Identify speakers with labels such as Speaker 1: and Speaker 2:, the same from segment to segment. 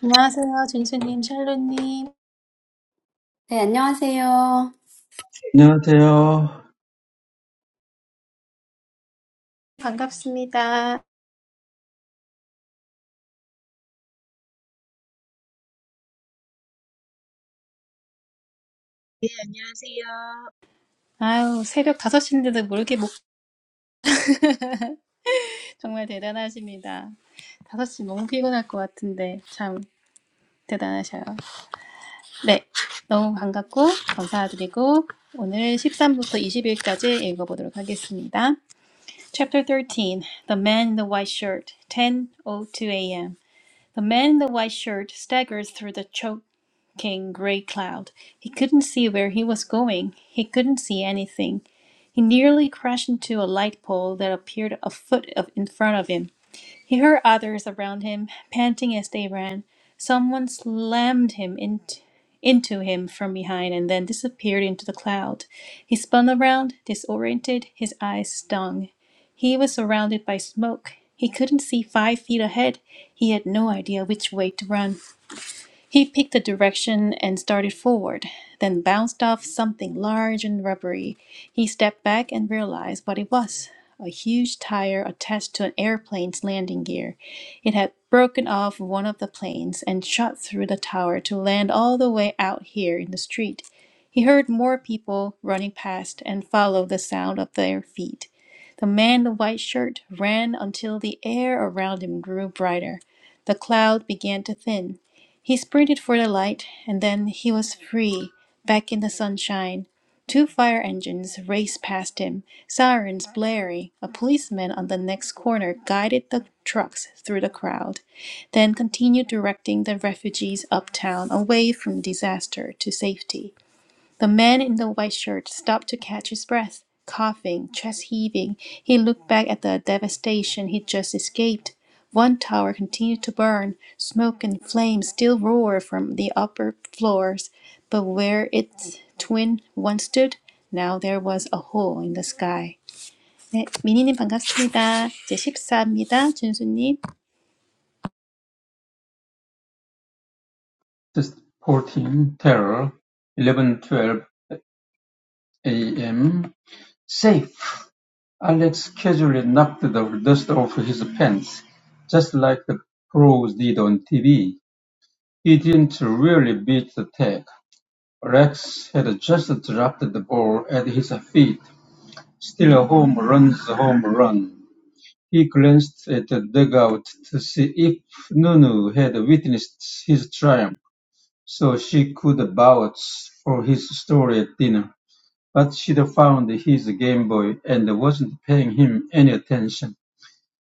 Speaker 1: 안녕하세요, 준수님, 샬루님.
Speaker 2: 네, 안녕하세요.
Speaker 3: Innertier
Speaker 1: 반갑습니다.
Speaker 4: 네, 안녕하세요.
Speaker 1: 아유, 새벽 5시인데도 모르게 목, 정말 대단하십니다. 5시 너무 피곤할 것 같은데, 참, 대단하셔요. 네, 너무 반갑고, 감사드리고, 오늘 13부터 20일까지 읽어보도록 하겠습니다. Chapter 13, The Man in the White Shirt, 10.02 a.m. The man in the white shirt staggered through the choking gray cloud. He couldn't see where he was going. He couldn't see anything. He nearly crashed into a light pole that appeared a foot of, in front of him. He heard others around him panting as they ran. Someone slammed him in, into him from behind and then disappeared into the cloud. He spun around, disoriented, his eyes stung. He was surrounded by smoke. He couldn't see five feet ahead. He had no idea which way to run. He picked a direction and started forward, then bounced off something large and rubbery. He stepped back and realized what it was a huge tire attached to an airplane's landing gear. It had broken off one of the planes and shot through the tower to land all the way out here in the street. He heard more people running past and followed the sound of their feet. The man in the white shirt ran until the air around him grew brighter. The cloud began to thin. He sprinted for the light, and then he was free, back in the sunshine. Two fire engines raced past him, sirens blaring. A policeman on the next corner guided the trucks through the crowd, then continued directing the refugees uptown away from disaster to safety. The man in the white shirt stopped to catch his breath, coughing, chest heaving. He looked back at the devastation he'd just escaped. One tower continued to burn. Smoke and flames still roared from the upper floors, but where its twin once stood, now there was a hole in the sky. 네, 미니님 반갑습니다. 이제 14입니다. 준수님.
Speaker 3: fourteen Terror, eleven twelve AM. Safe! Alex casually knocked the dust off his pants, just like the pros did on TV. He didn't really beat the tag. Rex had just dropped the ball at his feet. Still a home run's a home run. He glanced at the dugout to see if Nunu had witnessed his triumph. So she could vouch for his story at dinner. But she'd found his Game Boy and wasn't paying him any attention.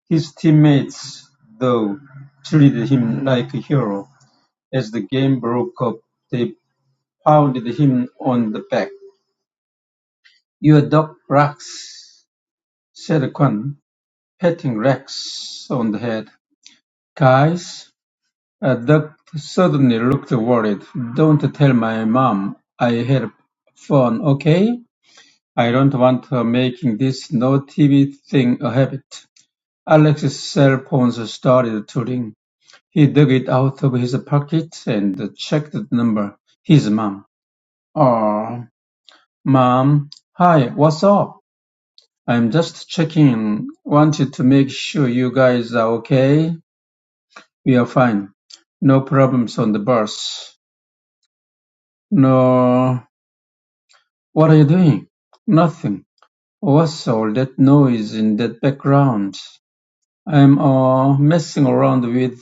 Speaker 3: His teammates, though, treated him like a hero. As the game broke up, they pounded him on the back. Your dog Rex, said Quan, patting Rex on the head. Guys, a duck suddenly looked worried. Don't tell my mom I had fun, okay? I don't want her making this no-TV thing a habit. Alex's cell phone started to ring. He dug it out of his pocket and checked the number. His mom. Oh, mom. Hi, what's up? I'm just checking in. Wanted to make sure you guys are okay. We are fine. No problems on the bus. No. What are you doing? Nothing. What's all that noise in that background? I'm uh, messing around with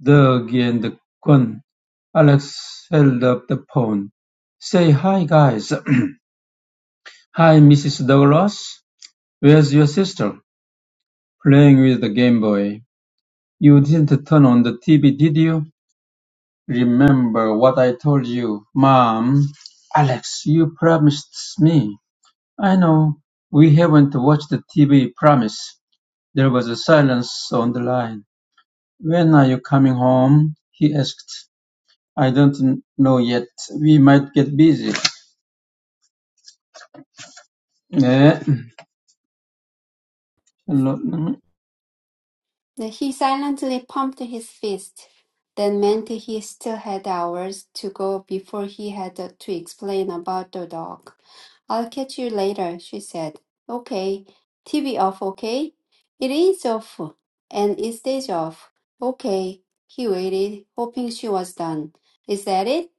Speaker 3: Doug and Gwen. Alex held up the phone. Say hi, guys. hi, Mrs. Douglas. Where's your sister? Playing with the Game Boy. You didn't turn on the TV, did you? Remember what I told you, Mom. Alex, you promised me. I know. We haven't watched the TV promise. There was a silence on the line. When are you coming home? he asked. I don't n- know yet. We might get busy. Eh, hello.
Speaker 2: 네, He silently pumped his fist. That meant he still had hours to go before he had to explain about the dog. I'll catch you later, she said. Okay. TV off, okay? It is off. And it stays off. Okay. He waited, hoping she was done. Is that it?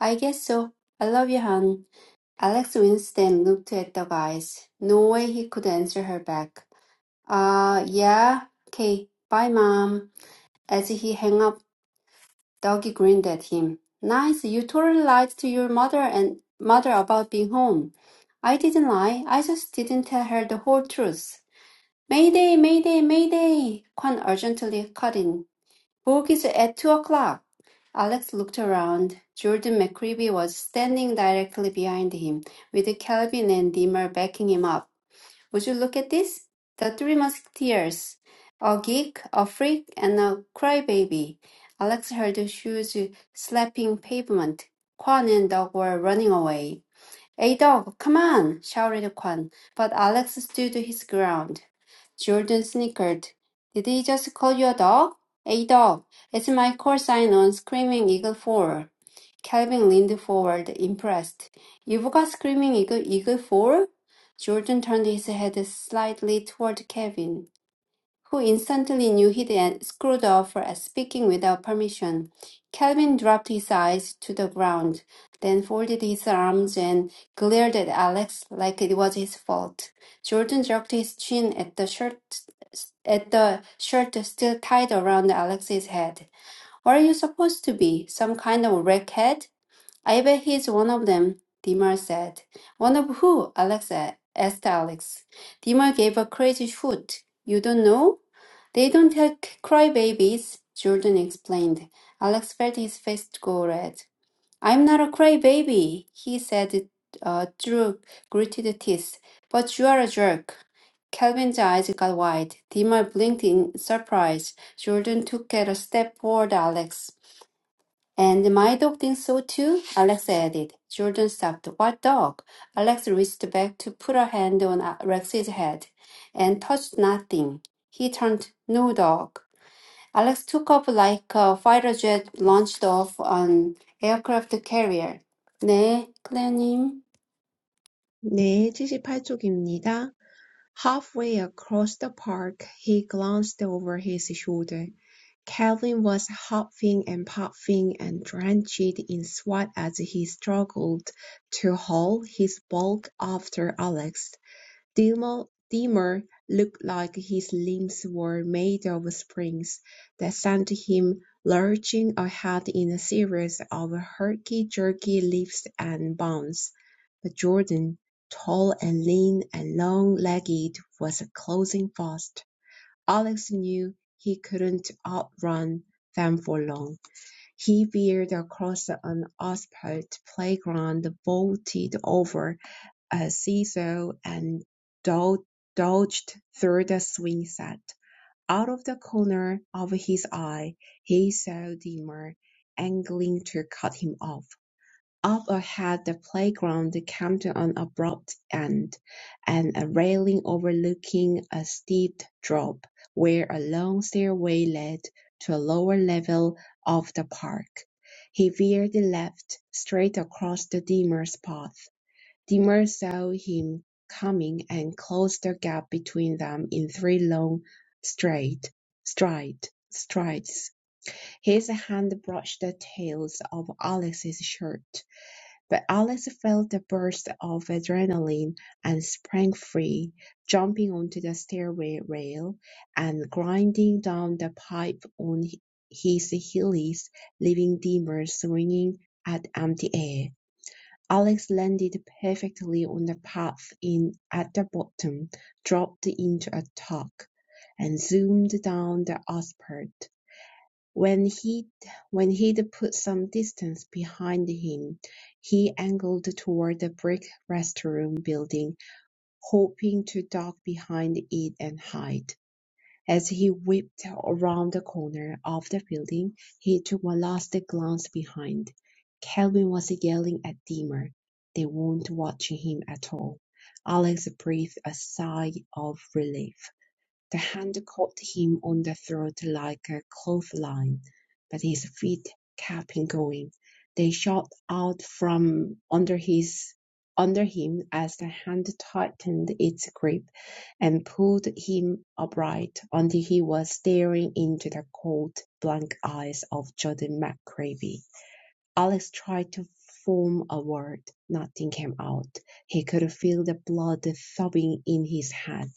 Speaker 2: I guess so. I love you, hon. Alex Winston looked at the guys. No way he could answer her back. Uh, yeah. Okay. Bye, Mom. As he hung up, Dougie grinned at him. Nice. You totally lied to your mother and mother about being home. I didn't lie. I just didn't tell her the whole truth. Mayday, mayday, mayday. Quan urgently cut in. Book is at two o'clock. Alex looked around. Jordan McCreevy was standing directly behind him, with Calvin and Dimmer backing him up. Would you look at this? The Three Musketeers. A geek, a freak, and a crybaby. Alex heard shoes slapping pavement. Quan and Doug were running away. A dog, come on! shouted Kwan, but Alex stood his ground. Jordan snickered. Did he just call you a dog? A dog. It's my call sign on Screaming Eagle 4. Calvin leaned forward, impressed. You've got Screaming Eagle, Eagle 4? Jordan turned his head slightly toward Kevin who instantly knew he had screwed up for speaking without permission. Calvin dropped his eyes to the ground, then folded his arms and glared at Alex like it was his fault. Jordan jerked his chin at the shirt at the shirt still tied around Alex's head. What are you supposed to be? Some kind of wreckhead? I bet he's one of them, Dimar said. One of who? Alex a- asked Alex. Dimar gave a crazy hoot. You don't know? "They don't like crybabies," Jordan explained. Alex felt his face go red. "I'm not a crybaby," he said uh, through gritted teeth. "But you are a jerk." Calvin's eyes got wide. Dima blinked in surprise. Jordan took a step toward Alex. And my dog thinks so too, Alex added. Jordan stopped. What dog? Alex reached back to put a hand on uh, Rex's head and touched nothing. He turned. No dog. Alex took off like a fighter jet launched off an aircraft carrier. 네, 클레어님.
Speaker 4: 네, 78쪽입니다. Halfway across the park, he glanced over his shoulder. Calvin was huffing and puffing and drenched in sweat as he struggled to haul his bulk after Alex. Dimmer looked like his limbs were made of springs that sent him lurching ahead in a series of herky-jerky leaps and bounds. But Jordan, tall and lean and long-legged, was closing fast. Alex knew he couldn't outrun them for long. He veered across an asphalt playground, vaulted over uh, seesaw and dol- dodged through the swing set. Out of the corner of his eye, he saw Dimmer angling to cut him off. Up ahead, the playground came to an abrupt end, and a railing overlooking a steep drop where a long stairway led to a lower level of the park. He veered left, straight across the Dimmer's path Dimmer saw him coming and closed the gap between them in three long straight stride strides. His hand brushed the tails of Alex's shirt, but Alex felt a burst of adrenaline and sprang free, jumping onto the stairway rail and grinding down the pipe on his heels, leaving Dimmer swinging at empty air. Alex landed perfectly on the path in at the bottom, dropped into a tuck, and zoomed down the asphalt. When he'd when he'd put some distance behind him, he angled toward the brick restroom building, hoping to duck behind it and hide. As he whipped around the corner of the building, he took one last glance behind. Calvin was yelling at Dimmer. They weren't watching him at all. Alex breathed a sigh of relief. The hand caught him on the throat like a clothesline, but his feet kept going. They shot out from under his under him as the hand tightened its grip and pulled him upright until he was staring into the cold, blank eyes of Jordan McCravey. Alex tried to form a word. Nothing came out. He could feel the blood throbbing in his head.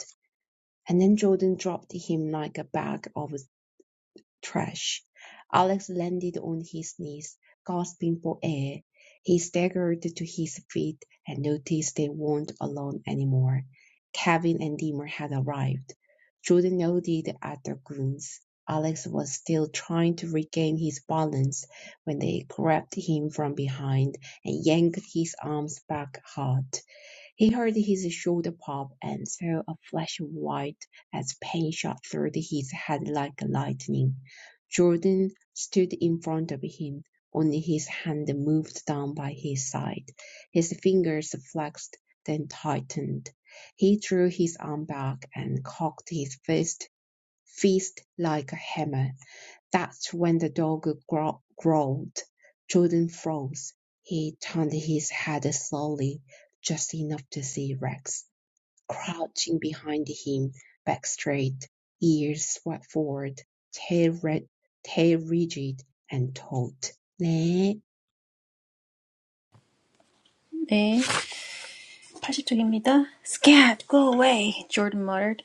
Speaker 4: And then Jordan dropped him like a bag of trash. Alex landed on his knees, gasping for air. He staggered to his feet and noticed they weren't alone anymore. Kevin and Dimmer had arrived. Jordan nodded at the goons. Alex was still trying to regain his balance when they grabbed him from behind and yanked his arms back hard. He heard his shoulder pop and saw a flash of white as pain shot through his head like lightning. Jordan stood in front of him, only his hand moved down by his side. His fingers flexed, then tightened. He drew his arm back and cocked his fist, fist like a hammer. That's when the dog grow- growled. Jordan froze. He turned his head slowly, just enough to see Rex crouching behind him, back straight, ears swept forward, tail, red, tail rigid, and taut. 네,
Speaker 1: 네, 80쪽입니다. Scat, go away, Jordan muttered.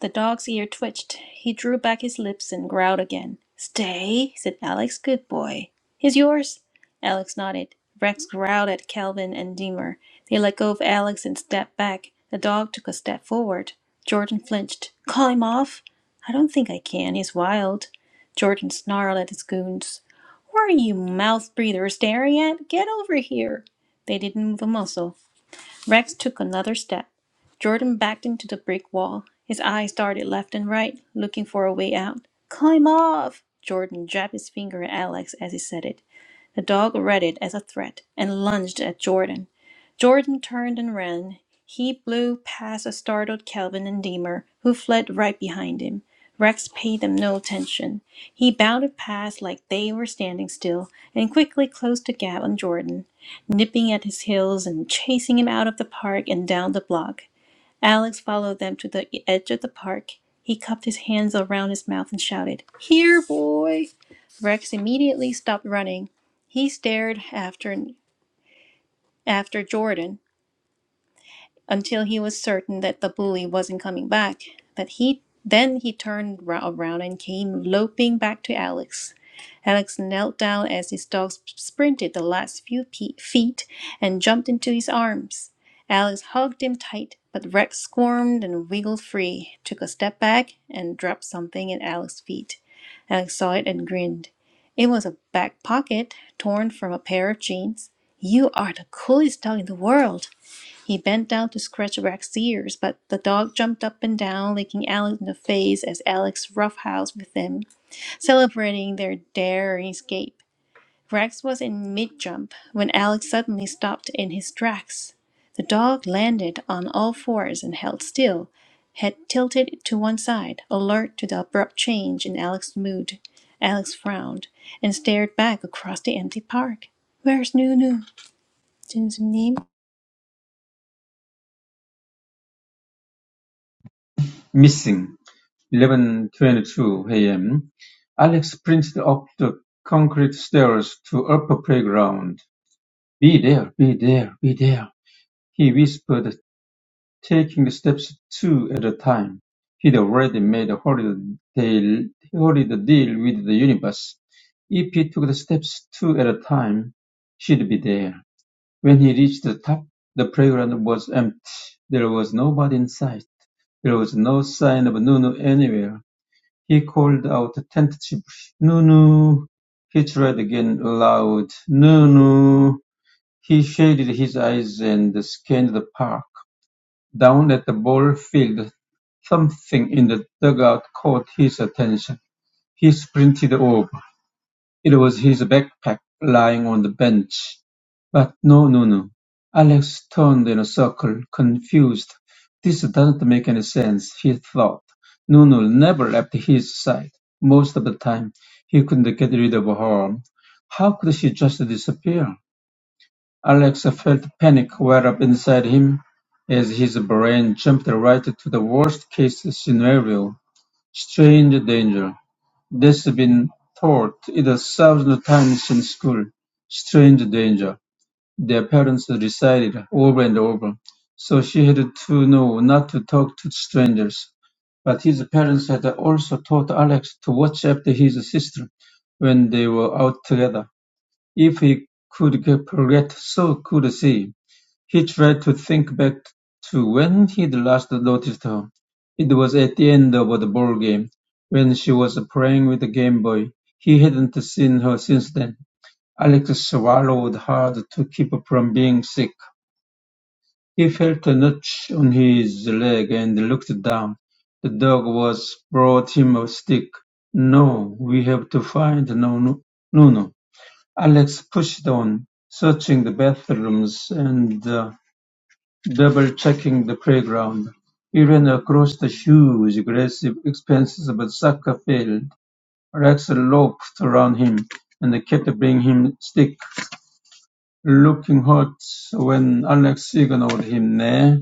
Speaker 1: The dog's ear twitched. He drew back his lips and growled again. Stay, said Alex. Good boy. He's yours? Alex nodded. Rex growled at Calvin and Deemer. They let go of Alex and stepped back. The dog took a step forward. Jordan flinched. Call him off? I don't think I can. He's wild. Jordan snarled at his goons. What are you mouth breathers staring at? Get over here. They didn't move a muscle. Rex took another step. Jordan backed into the brick wall. His eyes darted left and right, looking for a way out. Climb off! Jordan jabbed his finger at Alex as he said it. The dog read it as a threat and lunged at Jordan. Jordan turned and ran. He blew past a startled Calvin and Deemer, who fled right behind him. Rex paid them no attention. He bounded past like they were standing still and quickly closed the gap on Jordan nipping at his heels and chasing him out of the park and down the block. Alex followed them to the edge of the park. He cupped his hands around his mouth and shouted, Here, boy! Rex immediately stopped running. He stared after after Jordan, until he was certain that the bully wasn't coming back. That he then he turned around and came loping back to Alex. Alex knelt down as his dog sprinted the last few pe- feet and jumped into his arms. Alex hugged him tight, but Rex squirmed and wiggled free, took a step back, and dropped something at Alex's feet. Alex saw it and grinned. It was a back pocket torn from a pair of jeans. You are the coolest dog in the world. He bent down to scratch Rex's ears, but the dog jumped up and down, licking Alex in the face as Alex roughhoused with him, celebrating their daring escape. Rex was in mid-jump when Alex suddenly stopped in his tracks. The dog landed on all fours and held still, head tilted to one side, alert to the abrupt change in Alex's mood. Alex frowned and stared back across the empty park. "Where's Nunu?"
Speaker 3: Missing. 11.22 a.m. Alex sprinted up the concrete stairs to upper playground. Be there, be there, be there, he whispered, taking the steps two at a time. He'd already made a horrid deal, horrid deal with the universe. If he took the steps two at a time, she'd be there. When he reached the top, the playground was empty. There was nobody in sight. There was no sign of Nunu anywhere. He called out tentatively, Nunu. He tried again aloud, Nunu. He shaded his eyes and scanned the park. Down at the ball field, something in the dugout caught his attention. He sprinted over. It was his backpack lying on the bench. But no, no, no. Alex turned in a circle, confused. This doesn't make any sense, he thought. Nunu never left his side. Most of the time, he couldn't get rid of her. How could she just disappear? Alex felt panic well up inside him as his brain jumped right to the worst case scenario strange danger. This has been taught in the times in School. Strange danger. Their parents recited over and over, so she had to know not to talk to strangers. But his parents had also taught Alex to watch after his sister when they were out together. If he could forget, so could she. He tried to think back to when he'd last noticed her. It was at the end of the ballgame, when she was playing with the Game Boy. He hadn't seen her since then. Alex swallowed hard to keep from being sick. He felt a notch on his leg and looked down. The dog was brought him a stick. No, we have to find Nuno. Nuno. Alex pushed on, searching the bathrooms and uh, Double-checking the playground, he ran across the huge, aggressive, expanses expensive soccer field. Rex loped around him and kept bringing him stick, looking hot. when Alex ignored him. 네,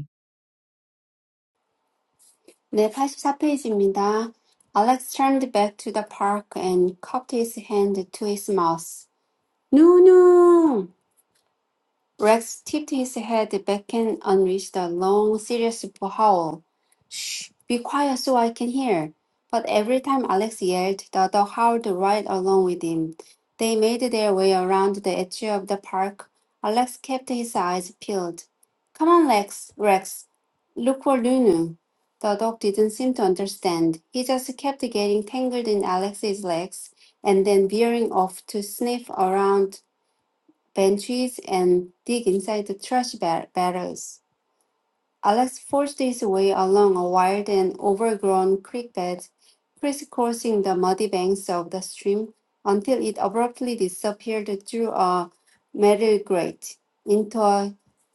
Speaker 2: 네, 팔십사 페이지입니다. Alex turned back to the park and cupped his hand to his mouth. No, no! Rex tipped his head back and unleashed a long, serious howl. Shh, be quiet so I can hear. But every time Alex yelled, the dog howled right along with him. They made their way around the edge of the park. Alex kept his eyes peeled. Come on, Lex, Rex. Look for Lunu. The dog didn't seem to understand. He just kept getting tangled in Alex's legs and then veering off to sniff around benches and dig inside the trash ba- barrels. Alex forced his way along a wild and overgrown creek bed, crisscrossing the muddy banks of the stream until it abruptly disappeared through a metal grate into a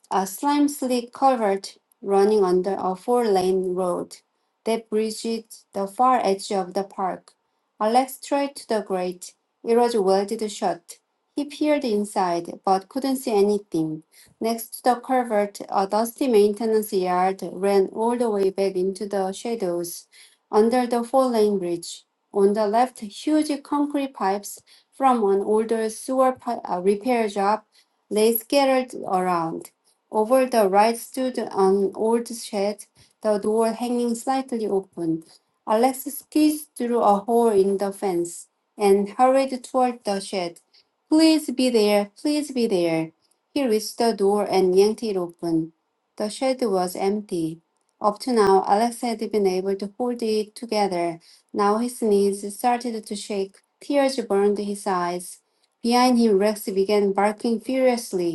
Speaker 2: a slick culvert running under a four-lane road that bridged the far edge of the park. Alex tried to the grate. It was welded shut. He peered inside, but couldn't see anything. Next to the culvert, a dusty maintenance yard ran all the way back into the shadows under the four-lane bridge. On the left, huge concrete pipes from an older sewer pi- uh, repair job lay scattered around. Over the right stood an old shed, the door hanging slightly open. Alex squeezed through a hole in the fence and hurried toward the shed. Please be there, please be there. He reached the door and yanked it open. The shed was empty. Up to now, Alex had been able to hold it together. Now his knees started to shake. Tears burned his eyes. Behind him, Rex began barking furiously.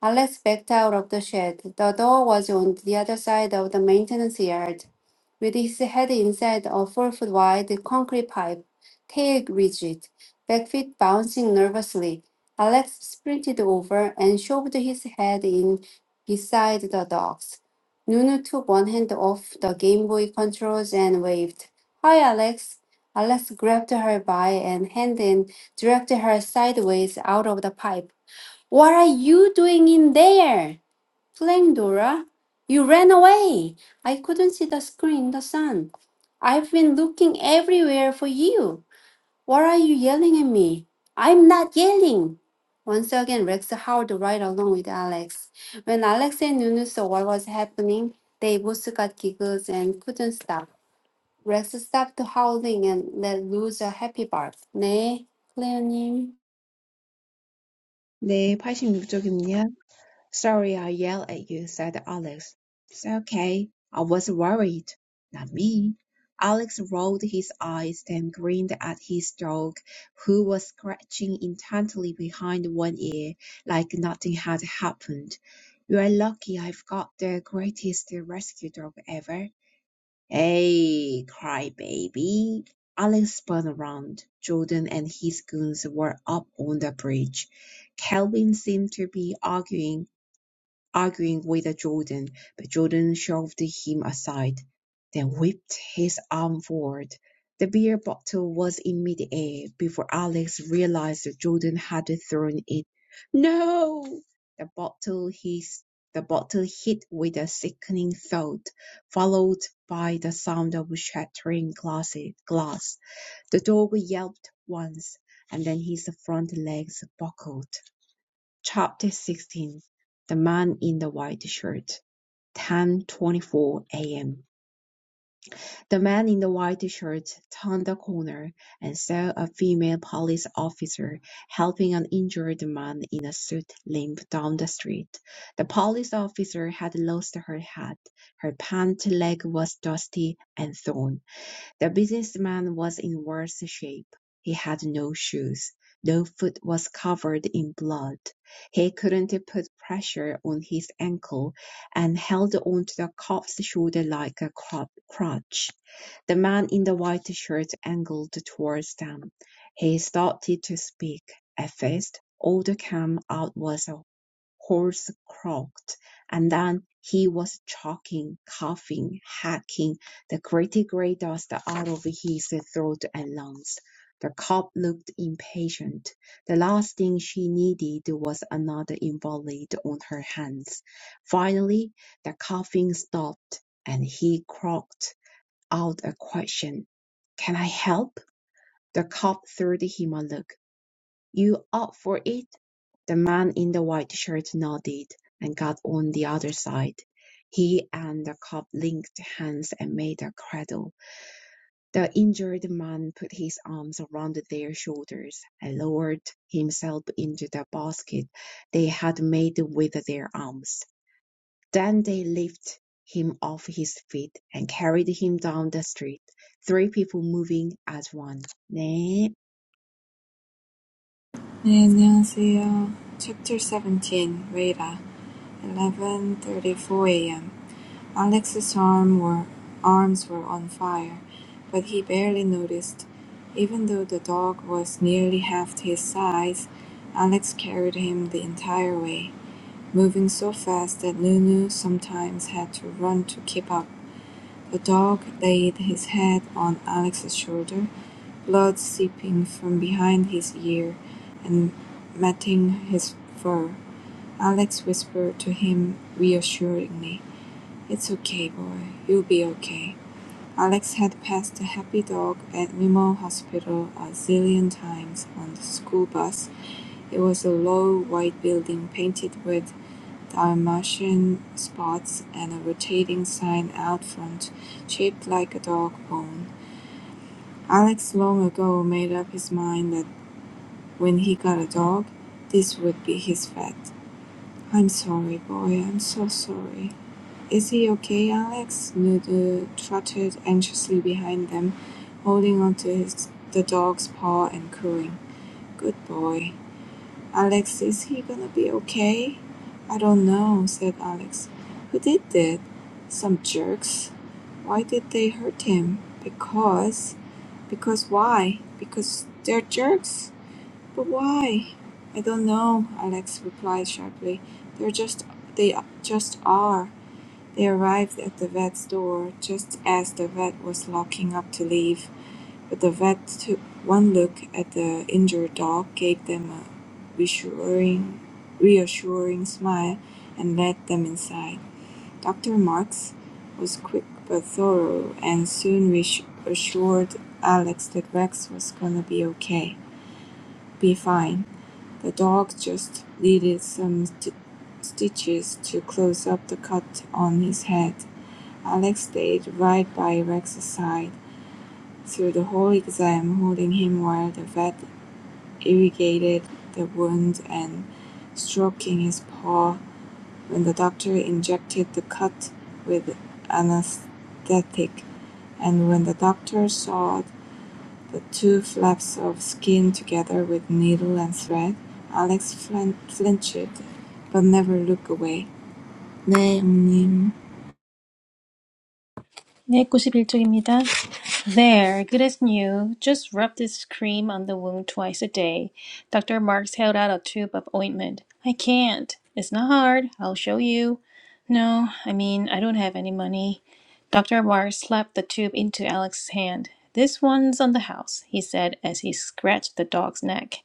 Speaker 2: Alex backed out of the shed. The door was on the other side of the maintenance yard, with his head inside a four foot wide concrete pipe, tail rigid, back feet bouncing nervously. Alex sprinted over and shoved his head in beside the dogs. Nunu took one hand off the Game Boy controls and waved, Hi, Alex. Alex grabbed her by an hand and dragged her sideways out of the pipe. What are you doing in there? Playing Dora. You ran away. I couldn't see the screen, the sun. I've been looking everywhere for you. Why are you yelling at me? I'm not yelling. Once again, Rex howled right along with Alex. When Alex and Nunu saw what was happening, they both got giggles and couldn't stop. Rex stopped howling and let loose a happy bark. 네, 클레어님.
Speaker 4: 네, 팔십육 쪽입니다. Sorry I yelled at you, said Alex. It's okay. I was worried. Not me. Alex rolled his eyes, then grinned at his dog, who was scratching intently behind one ear, like nothing had happened. You're lucky I've got the greatest rescue dog ever. Hey, crybaby! Alex spun around. Jordan and his goons were up on the bridge. Calvin seemed to be arguing arguing with Jordan, but Jordan shoved him aside, then whipped his arm forward. The beer bottle was in midair before Alex realized Jordan had thrown it. No! The bottle his the bottle hit with a sickening thud, followed by the sound of shattering glass. glass. The dog yelped once, and then his front legs buckled. Chapter 16 The Man in the White Shirt 10:24 a.m. The man in the white shirt turned the corner and saw a female police officer helping an injured man in a suit limp down the street. The police officer had lost her hat. Her pant leg was dusty and torn. The businessman was in worse shape. He had no shoes. No foot was covered in blood. He couldn't put pressure on his ankle and held onto the cop's shoulder like a crutch. The man in the white shirt angled towards them. He started to speak. At first, all that came out was a horse croaked, and then he was choking, coughing, hacking the gritty grey dust out of his throat and lungs. The cop looked impatient. The last thing she needed was another invalid on her hands. Finally, the coughing stopped, and he croaked out a question. "Can I help?" The cop threw him a look. "You up for it?" The man in the white shirt nodded and got on the other side. He and the cop linked hands and made a cradle. The injured man put his arms around their shoulders and lowered himself into the basket they had made with their arms. Then they lifted him off his feet and carried him down the street, three people moving as one. 네,
Speaker 5: 네, 안녕하세요. Chapter 17, Radha, 11.34 a.m. Alex's arm were, arms were on fire, but he barely noticed. Even though the dog was nearly half his size, Alex carried him the entire way, moving so fast that Nunu sometimes had to run to keep up. A dog laid his head on Alex's shoulder, blood seeping from behind his ear and matting his fur. Alex whispered to him reassuringly, It's okay, boy. You'll be okay. Alex had passed the Happy Dog at Nimmo Hospital a zillion times on the school bus. It was a low, white building painted with Dalmatian spots and a rotating sign out front shaped like a dog bone. Alex long ago made up his mind that when he got a dog, this would be his pet. I'm sorry, boy, I'm so sorry. Is he okay, Alex? Noodle trotted anxiously behind them, holding onto his, the dog's paw and cooing. Good boy. Alex, is he gonna be okay? I don't know, said Alex. Who did that? Some jerks. Why did they hurt him? Because. Because why? Because they're jerks. But why? I don't know, Alex replied sharply. They're just. They just are. They arrived at the vet's door just as the vet was locking up to leave, but the vet took one look at the injured dog, gave them a reassuring, reassuring smile, and led them inside. Dr. Marks was quick but thorough and soon reassured Alex that Rex was gonna be okay, be fine. The dog just needed some st- stitches to close up the cut on his head. Alex stayed right by Rex's side through the whole exam, holding him while the vet irrigated the wound and stroking his paw when the doctor injected the cut with anesthetic, and when the doctor sawed the two flaps of skin together with needle and thread, Alex flin- flinched, but never looked away. 네, 형님.
Speaker 1: 네, 91쪽입니다. There, good as new. Just rub this cream on the wound twice a day. Dr. Marks held out a tube of ointment. I can't. It's not hard. I'll show you. No, I mean, I don't have any money. Dr. Marks slapped the tube into Alex's hand. This one's on the house, he said as he scratched the dog's neck.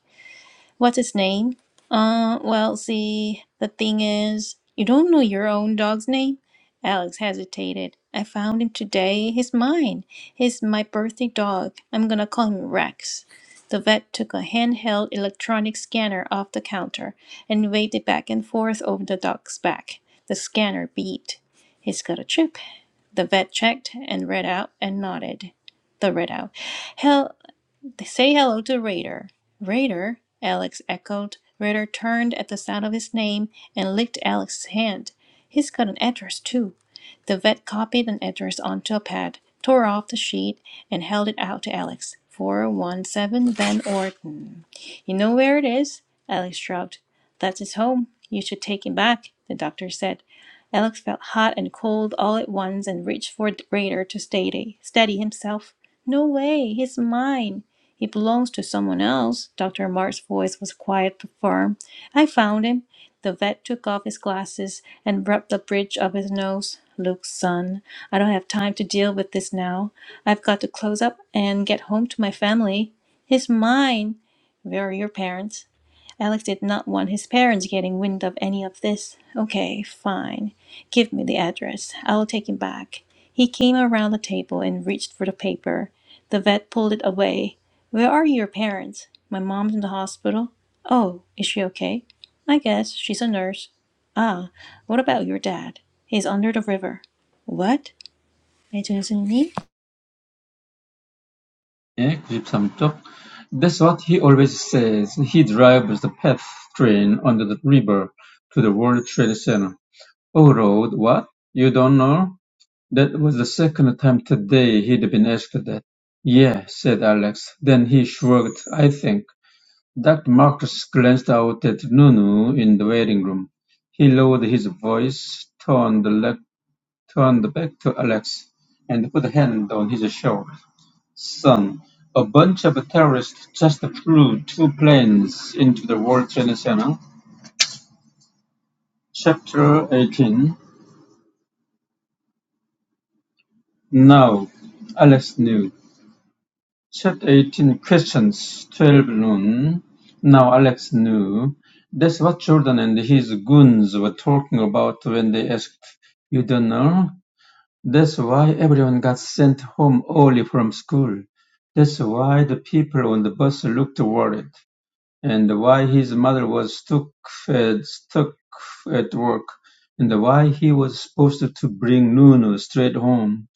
Speaker 1: What's its name? Uh, well, see, the thing is, you don't know your own dog's name? Alex hesitated. I found him today. He's mine. He's my birthday dog. I'm gonna call him Rex. The vet took a handheld electronic scanner off the counter and waved it back and forth over the dog's back. The scanner beeped. He's got a chip. The vet checked and read out and nodded. The read out. Hell, Say hello to Raider. Raider, Alex echoed. Raider turned at the sound of his name and licked Alex's hand. He's got an address, too. The vet copied an address onto a pad, tore off the sheet, and held it out to Alex. 417 Van Orton. You know where it is? Alex shrugged. That's his home. You should take him back, the doctor said. Alex felt hot and cold all at once and reached for Raider to steady, steady himself. No way, he's mine. He belongs to someone else. Dr. Mark's voice was quiet but firm. I found him. The vet took off his glasses and rubbed the bridge of his nose. Look, son, I don't have time to deal with this now. I've got to close up and get home to my family. He's mine. Where are your parents? Alex did not want his parents getting wind of any of this. Okay, fine. Give me the address. I'll take him back. He came around the table and reached for the paper. The vet pulled it away. Where are your parents? My mom's in the hospital. Oh, is she okay? I guess she's a nurse. Ah, what about your dad? He's under the river. What? 네, 준수님.
Speaker 3: 예, 93쪽. That's what he always says. He drives the PATH train under the river to the World Trade Center. Oh, road, what? You don't know? That was the second time today he'd been asked that. Yeah, said Alex. Then he shrugged. I think. Dr. Marcus glanced out at Nunu in the waiting room. He lowered his voice, turned, le- turned back to Alex, and put a hand on his shoulder. Son, a bunch of terrorists just flew two planes into the World Trade Center. Chapter 18. Now, Alex knew. Set eighteen questions, twelve noon. Now Alex knew. That's what Jordan and his goons were talking about when they asked, You don't know? That's why everyone got sent home early from school. That's why the people on the bus looked worried and why his mother was stuck at, stuck at work, and why he was supposed to bring Nuno straight home,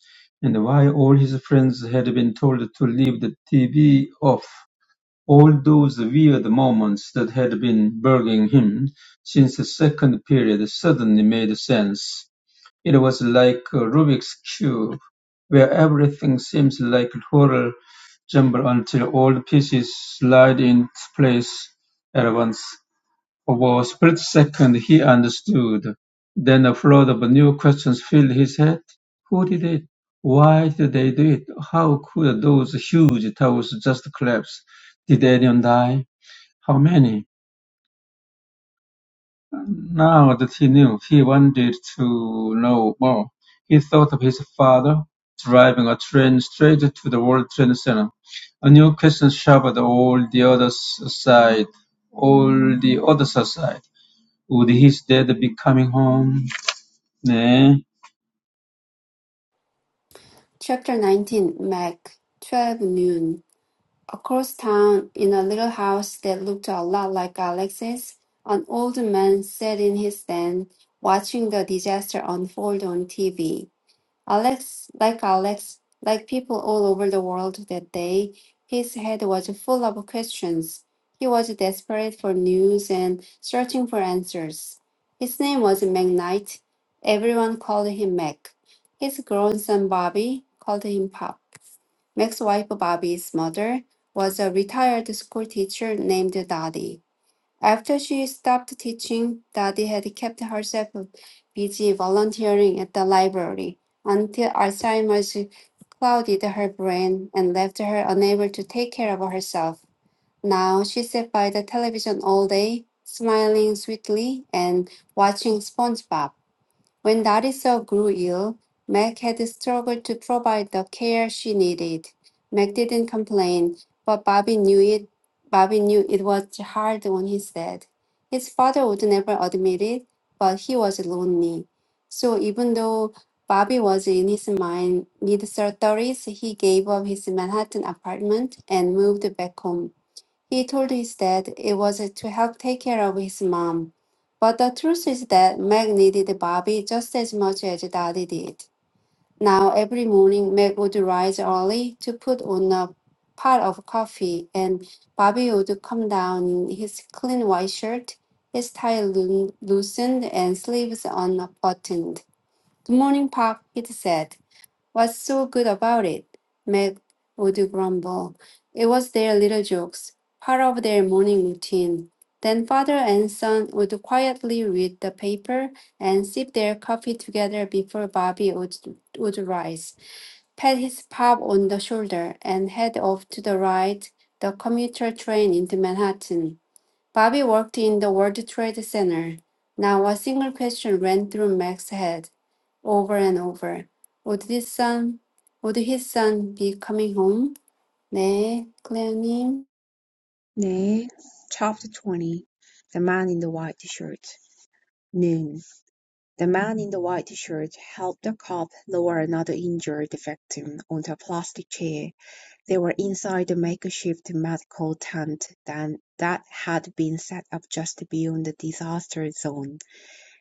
Speaker 3: and why all his friends had been told to leave the TV off. All those weird moments that had been bugging him since the second period suddenly made sense. It was like a Rubik's cube, where everything seems like a total jumble until all the pieces slide into place at once. For a split second he understood. Then a flood of new questions filled his head. Who did it? Why did they do it? How could those huge towers just collapse? Did anyone die? How many? Now that he knew, he wanted to know more. He thought of his father, driving a train straight to the World Trade Center. A new question shoved all the others aside. All the others aside. Would his dad be coming home? 네.
Speaker 2: Chapter 19, Mac. 12 noon. Across town, in a little house that looked a lot like Alex's, an old man sat in his den watching the disaster unfold on TV. Alex, like Alex, like people all over the world that day, his head was full of questions. He was desperate for news and searching for answers. His name was McKnight. Everyone called him Mac. His grown son Bobby called him Pop. Mac's wife Bobby's mother was a retired school teacher named Dottie. After she stopped teaching, Dadi had kept herself busy volunteering at the library until Alzheimer's clouded her brain and left her unable to take care of herself. Now she sat by the television all day, smiling sweetly and watching SpongeBob. When Narissa grew ill, Meg had struggled to provide the care she needed. Meg didn't complain, but Bobby knew it. Bobby knew it was hard on his dad. His father would never admit it, but he was lonely. So even though Bobby was in his mind mid thirties, he gave up his Manhattan apartment and moved back home. He told his dad it was to help take care of his mom. But the truth is that Meg needed Bobby just as much as Daddy did. Now, every morning, Meg would rise early to put on a pot of coffee, and Bobby would come down in his clean white shirt, his tie loo- loosened and sleeves unbuttoned. Good morning, Pop, he said. What's so good about it? Meg would grumble. It was their little jokes, part of their morning routine. Then father and son would quietly read the paper and sip their coffee together before Bobby would, would rise, pat his pop on the shoulder, and head off to the ride the commuter train into Manhattan. Bobby worked in the World Trade Center. Now a single question ran through Meg's head over and over. Would his son, would his son be coming home? 네, 클레어님.
Speaker 4: 네. Chapter 20. The man in the white shirt. Noon. The man in the white shirt helped the cop lower another injured victim onto a plastic chair. They were inside the makeshift medical tent that, that had been set up just beyond the disaster zone.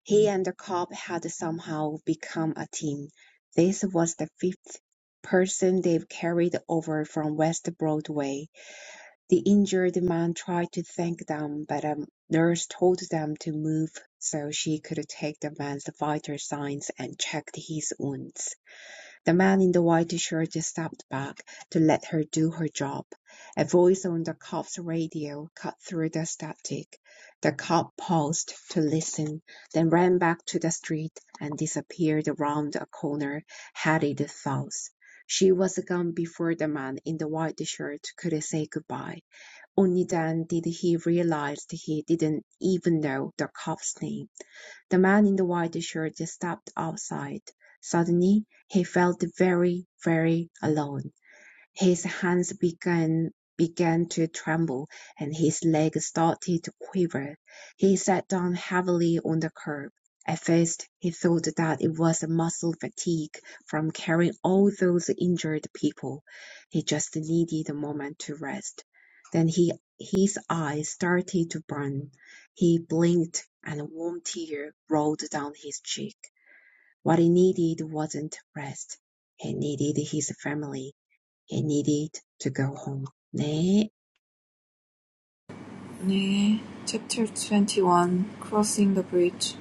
Speaker 4: He and the cop had somehow become a team. This was the fifth person they've carried over from West Broadway. The injured man tried to thank them, but a nurse told them to move so she could take the man's vital signs and checked his wounds. The man in the white shirt stepped back to let her do her job. A voice on the cop's radio cut through the static. The cop paused to listen, then ran back to the street and disappeared around a corner, headed south. She was gone before the man in the white shirt could say goodbye. Only then did he realize he didn't even know the cop's name. The man in the white shirt stepped outside. Suddenly, he felt very, very alone. His hands began began to tremble, and his legs started to quiver. He sat down heavily on the curb. At first, he thought that it was muscle fatigue from carrying all those injured people. He just needed a moment to rest. Then he, his eyes started to burn. He blinked, and a warm tear rolled down his cheek. What he needed wasn't rest. He needed his family. I needed to go home. 네.
Speaker 5: Chapter twenty-one: Crossing the bridge.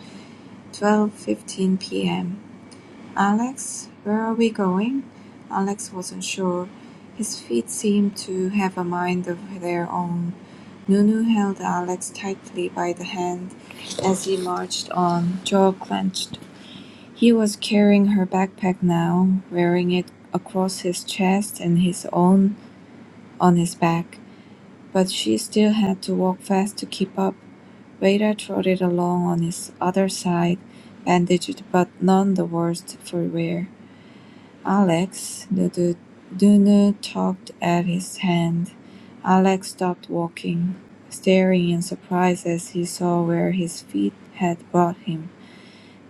Speaker 5: Twelve fifteen p.m. "Alex, where are we going?" Alex wasn't sure. His feet seemed to have a mind of their own. Nunu held Alex tightly by the hand as he marched on, jaw clenched. He was carrying her backpack now, wearing it across his chest and his own on his back, but she still had to walk fast to keep up. Vader trotted along on his other side, bandaged but none the worse for wear. Alex, the Nunu tugged at his hand. Alex stopped walking, staring in surprise as he saw where his feet had brought him.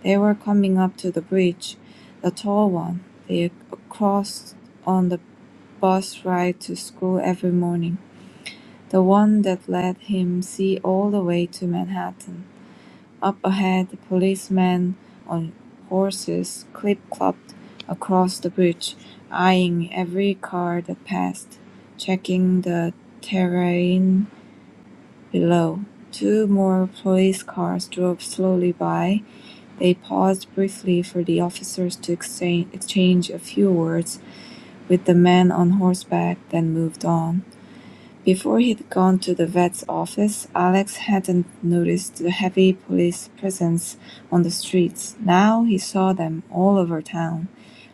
Speaker 5: They were coming up to the bridge, the tall one they crossed on the bus ride to school every morning, the one that let him see all the way to Manhattan. Up ahead, policemen on horses clip-clopped across the bridge, eyeing every car that passed, checking the terrain below. Two more police cars drove slowly by. They paused briefly for the officers to exchange, exchange a few words with the man on horseback, then moved on. Before he'd gone to the vet's office, Alex hadn't noticed the heavy police presence on the streets. Now he saw them all over town,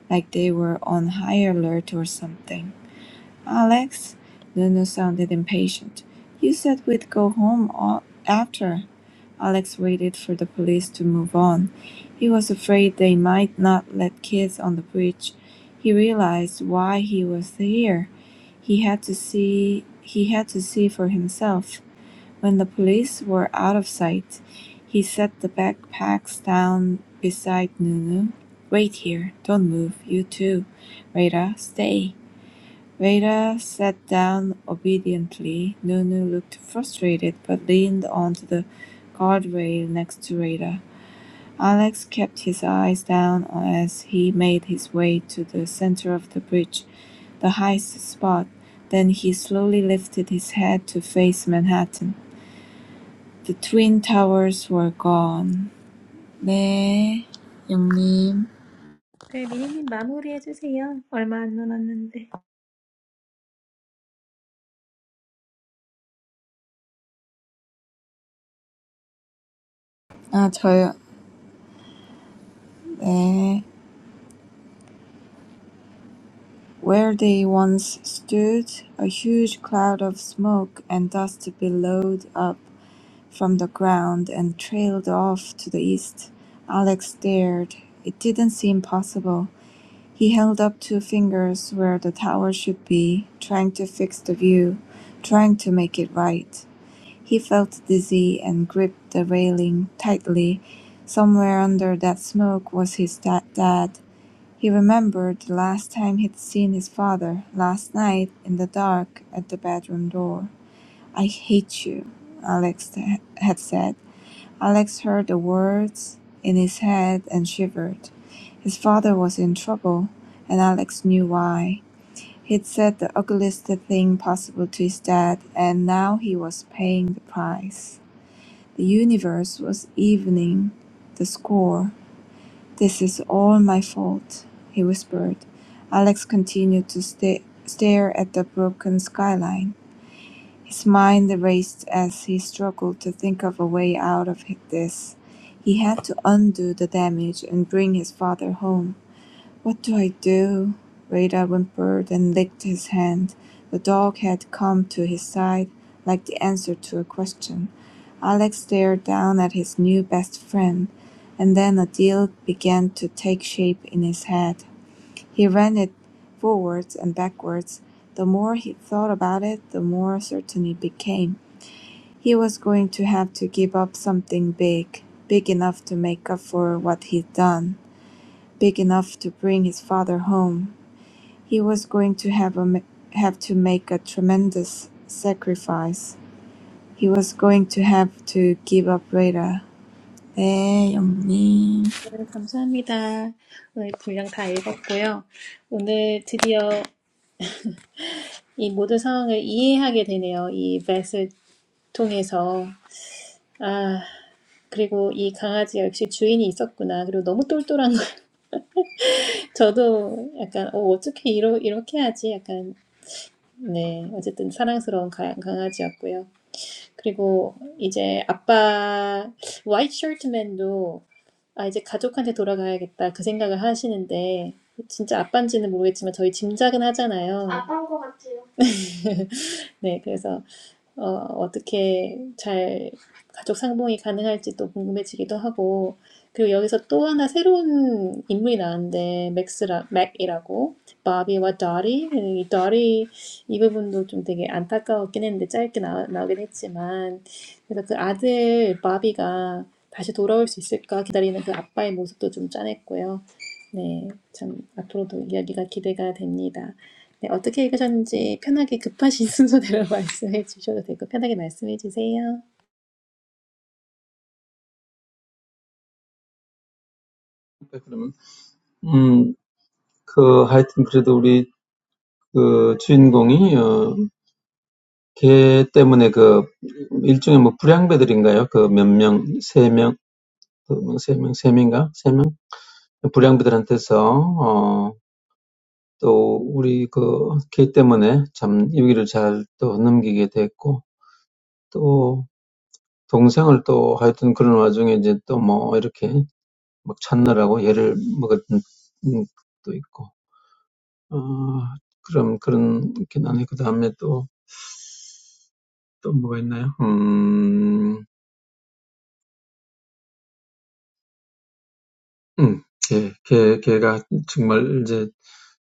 Speaker 5: like they were on high alert or something. Alex, Nunu sounded impatient. You said we'd go home all after. Alex waited for the police to move on. He was afraid they might not let kids on the bridge. He realized why he was here. He had to see he had to see for himself. When the police were out of sight, he set the backpacks down beside Nunu. Wait here, don't move, you too. Rada, stay. Vader sat down obediently. Nunu looked frustrated but leaned onto the guardrail next to Vader. Alex kept his eyes down as he made his way to the center of the bridge, the highest spot. Then he slowly lifted his head to face Manhattan. The twin towers were gone. 네, 영님.
Speaker 1: 네, 미니님 마무리해주세요. 얼마 안 남았는데.
Speaker 5: 아, 저요. 네. Where they once stood, a huge cloud of smoke and dust billowed up from the ground and trailed off to the east. Alex stared. It didn't seem possible. He held up two fingers where the tower should be, trying to fix the view, trying to make it right. He felt dizzy and gripped the railing tightly. Somewhere under that smoke was his da- dad, he remembered the last time he'd seen his father, last night, in the dark, at the bedroom door. "I hate you," Alex had said. Alex heard the words in his head and shivered. His father was in trouble, and Alex knew why. He'd said the ugliest thing possible to his dad, and now he was paying the price. The universe was evening the score. This is all my fault, he whispered. Alex continued to sta- stare at the broken skyline. His mind raced as he struggled to think of a way out of this. He had to undo the damage and bring his father home. What do I do? Rada whimpered and licked his hand. The dog had come to his side like the answer to a question. Alex stared down at his new best friend, and then a deal began to take shape in his head. He ran it forwards and backwards. The more he thought about it, the more certain it became. He was going to have to give up something big, big enough to make up for what he'd done big enough to bring his father home. He was going to have a have to make a tremendous sacrifice. He was going to have to give up Rada. 네, 영님.
Speaker 1: 네, 감사합니다. 오늘 분량 다 읽었고요. 오늘 드디어 이 모든 상황을 이해하게 되네요. 이 벳을 통해서. 아, 그리고 이 강아지 역시 주인이 있었구나. 그리고 너무 똘똘한 거예요. 저도 약간 어, 어떻게 이러, 이렇게 하지? 약간 네 어쨌든 사랑스러운 가, 강아지였고요. 그리고 이제 아빠 화이트 셔츠맨도 아 이제 가족한테 돌아가야겠다 그 생각을 하시는데 진짜 아빠인지는 모르겠지만 저희 짐작은 하잖아요. 네 그래서 어, 어떻게 잘 가족 상봉이 가능할지 또 궁금해지기도 하고, 그리고 여기서 또 하나 새로운 인물이 나왔는데, 맥스라, 맥이라고, 바비와 다리, 이 다리, 이 부분도 좀 되게 안타까웠긴 했는데, 짧게 나, 나오긴 했지만, 그래서 그 아들, 바비가 다시 돌아올 수 있을까 기다리는 그 아빠의 모습도 좀 짠했고요. 네, 참, 앞으로도 이야기가 기대가 됩니다. 네, 어떻게 읽으셨는지 편하게 급하신 순서대로 말씀해 주셔도 되고 편하게 말씀해 주세요.
Speaker 3: 그럼, 음, 그, 하여튼 그래도 우리 그 주인공이 어, 걔 때문에 그 일종의 뭐 불량배들인가요? 그 몇 명, 세 명, 두 명, 세 명, 세 명인가? 세 명? 불량배들한테 어또 우리 그 걔 때문에 참이 위기를 잘 또 넘기게 됐고 또 동생을 또 하여튼 그런 와중에 이제 또뭐 이렇게 막 찾느라고 얘를 먹었던 또 있고 어 그럼 그런 게 나네 그 다음에 또또 뭐가 있나요? 음, 음, 걔, 걔, 걔가 정말 이제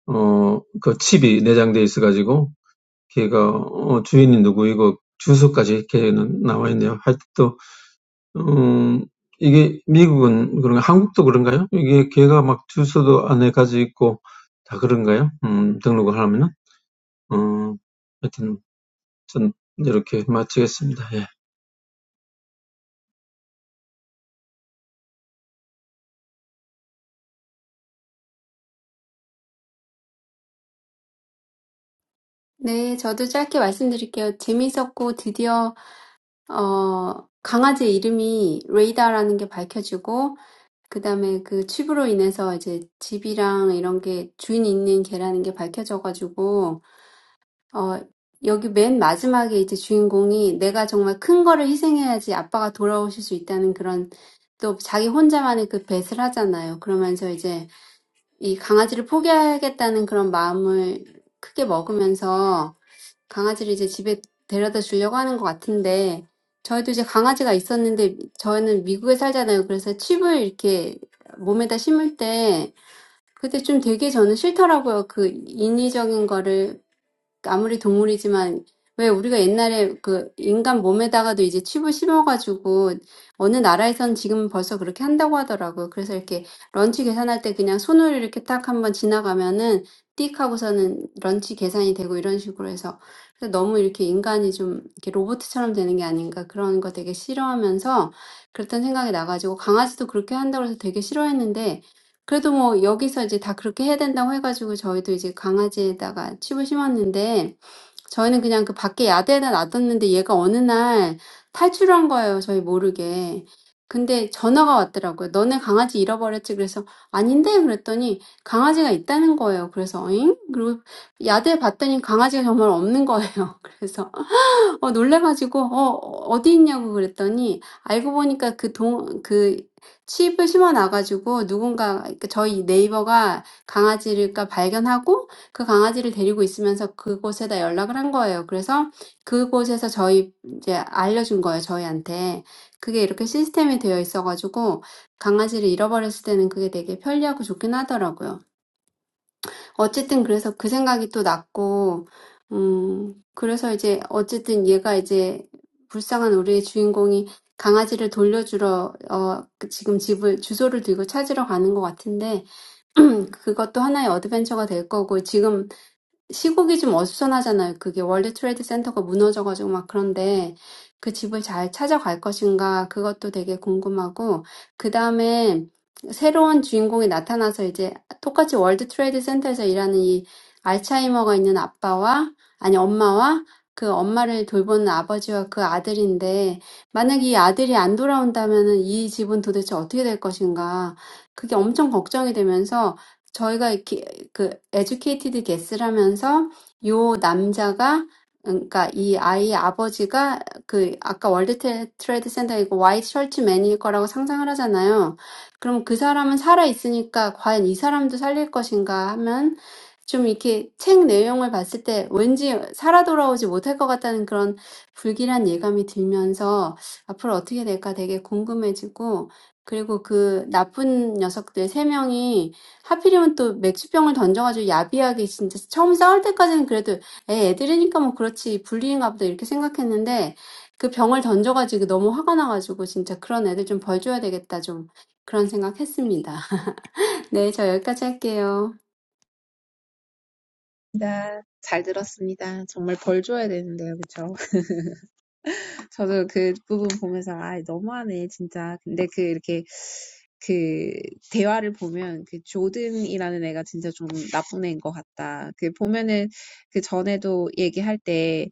Speaker 3: 어그 칩이 내장돼 있어가지고 걔가 어, 주인이 누구이고 주소까지 이렇게 나와 있네요. 하여튼 또 음, 이게 미국은 그런가 한국도 그런가요? 이게 걔가 막 주소도 안에 가지고 있고 다 그런가요? 음, 등록을 하면은 어 하여튼 전 이렇게 마치겠습니다. 예.
Speaker 2: 네, 저도 짧게 말씀드릴게요. 재밌었고 드디어 어, 강아지 이름이 레이다라는 게 밝혀지고 그다음에 그 칩으로 인해서 이제 집이랑 이런 게 주인 있는 개라는 게 밝혀져가지고 어, 여기 맨 마지막에 이제 주인공이 내가 정말 큰 거를 희생해야지 아빠가 돌아오실 수 있다는 그런 또 자기 혼자만의 그 뱃을 하잖아요. 그러면서 이제 이 강아지를 포기하겠다는 그런 마음을 크게 먹으면서 강아지를 이제 집에 데려다 주려고 하는 것 같은데 저희도 이제 강아지가 있었는데 저희는 미국에 살잖아요. 그래서 칩을 이렇게 몸에다 심을 때 그때 좀 되게 저는 싫더라고요. 그 인위적인 거를 아무리 동물이지만 왜 우리가 옛날에 그 인간 몸에다가도 이제 칩을 심어가지고 어느 나라에선 지금 벌써 그렇게 한다고 하더라고요. 그래서 이렇게 런치 계산할 때 그냥 손으로 이렇게 딱 한번 지나가면은 띡 하고서는 런치 계산이 되고 이런 식으로 해서 그래서 너무 이렇게 인간이 좀 이렇게 로봇처럼 되는 게 아닌가 그런 거 되게 싫어하면서 그랬던 생각이 나가지고 강아지도 그렇게 한다고 해서 되게 싫어했는데 그래도 뭐 여기서 이제 다 그렇게 해야 된다고 해가지고 저희도 이제 강아지에다가 칩을 심었는데 저희는 그냥 그 밖에 야대에다 놔뒀는데 얘가 어느 날 탈출한 거예요. 저희 모르게. 근데 전화가 왔더라고요. 너네 강아지 잃어버렸지? 그래서 아닌데? 그랬더니 강아지가 있다는 거예요. 그래서 잉? 그리고 야대 봤더니 강아지가 정말 없는 거예요. 그래서 어 놀래가지고 "어 어디 있냐."고 그랬더니 알고 보니까 그 동그 칩을 심어 놔 누군가 그러니까 저희 네이버가 강아지를 그러니까 발견하고 그 강아지를 데리고 있으면서 그곳에다 연락을 한 거예요. 그래서 그곳에서 저희 이제 알려준 거예요, 저희한테. 그게 이렇게 시스템이 되어 있어가지고 강아지를 잃어버렸을 때는 그게 되게 편리하고 좋긴 하더라고요. 어쨌든 그래서 그 생각이 또 났고, 음, 그래서 이제 어쨌든 얘가 이제 불쌍한 우리의 주인공이 강아지를 돌려주러, 어, 그 지금 집을, 주소를 들고 찾으러 가는 것 같은데, 음, 그것도 하나의 어드벤처가 될 거고, 지금 시국이 좀 어수선하잖아요. 그게 월드 트레이드 센터가 무너져가지고 막 그런데 그 집을 잘 찾아갈 것인가 그것도 되게 궁금하고 그 다음에 새로운 주인공이 나타나서 이제 똑같이 월드 트레이드 센터에서 일하는 이 알츠하이머가 있는 아빠와 아니 엄마와 그 엄마를 돌보는 아버지와 그 아들인데 만약 이 아들이 안 돌아온다면은 이 집은 도대체 어떻게 될 것인가 그게 엄청 걱정이 되면서 저희가 이렇게 그 Educated 에듀케이티드 게스라면서 요 남자가 그러니까 이 아이의 아버지가 그 아까 월드 트레- 트레이드 센터이고 화이트 셔츠맨일 거라고 상상을 하잖아요. 그럼 그 사람은 살아 있으니까 과연 이 사람도 살릴 것인가 하면 좀 이렇게 책 내용을 봤을 때 왠지 살아 돌아오지 못할 것 같다는 그런 불길한 예감이 들면서 앞으로 어떻게 될까 되게 궁금해지고 그리고 그 나쁜 녀석들 세 명이 하필이면 또 맥주병을 던져가지고 야비하게 진짜 처음 싸울 때까지는 그래도 애 애들이니까 뭐 그렇지 불리인가 보다 이렇게 생각했는데 그 병을 던져가지고 너무 화가 나가지고 진짜 그런 애들 좀 벌 줘야 되겠다 좀 그런 생각했습니다. 네, 저 여기까지 할게요.
Speaker 4: 다- 잘 들었습니다. 정말 벌 줘야 되는데요. 그렇죠? 저도 그 부분 보면서 아 너무하네 진짜. 근데 그 이렇게 그 대화를 보면 그 조든이라는 애가 진짜 좀 나쁜 애인 것 같다. 그 보면은 그 전에도 얘기할 때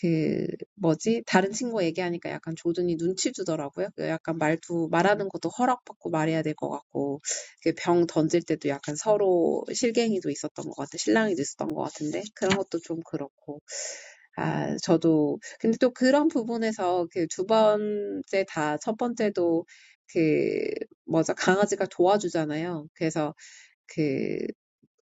Speaker 4: 그 뭐지 다른 친구 얘기하니까 약간 조든이 눈치 주더라고요. 그 약간 말투 말하는 것도 허락받고 말해야 될것 같고 그병 던질 때도 약간 서로 실갱이도 있었던 것 같아, 실랑이도 있었던 것 같은데 그런 것도 좀 그렇고. 아, 저도, 근데 또 그런 부분에서 그 두 번째 다, 첫 번째도 그, 뭐죠, 강아지가 도와주잖아요. 그래서 그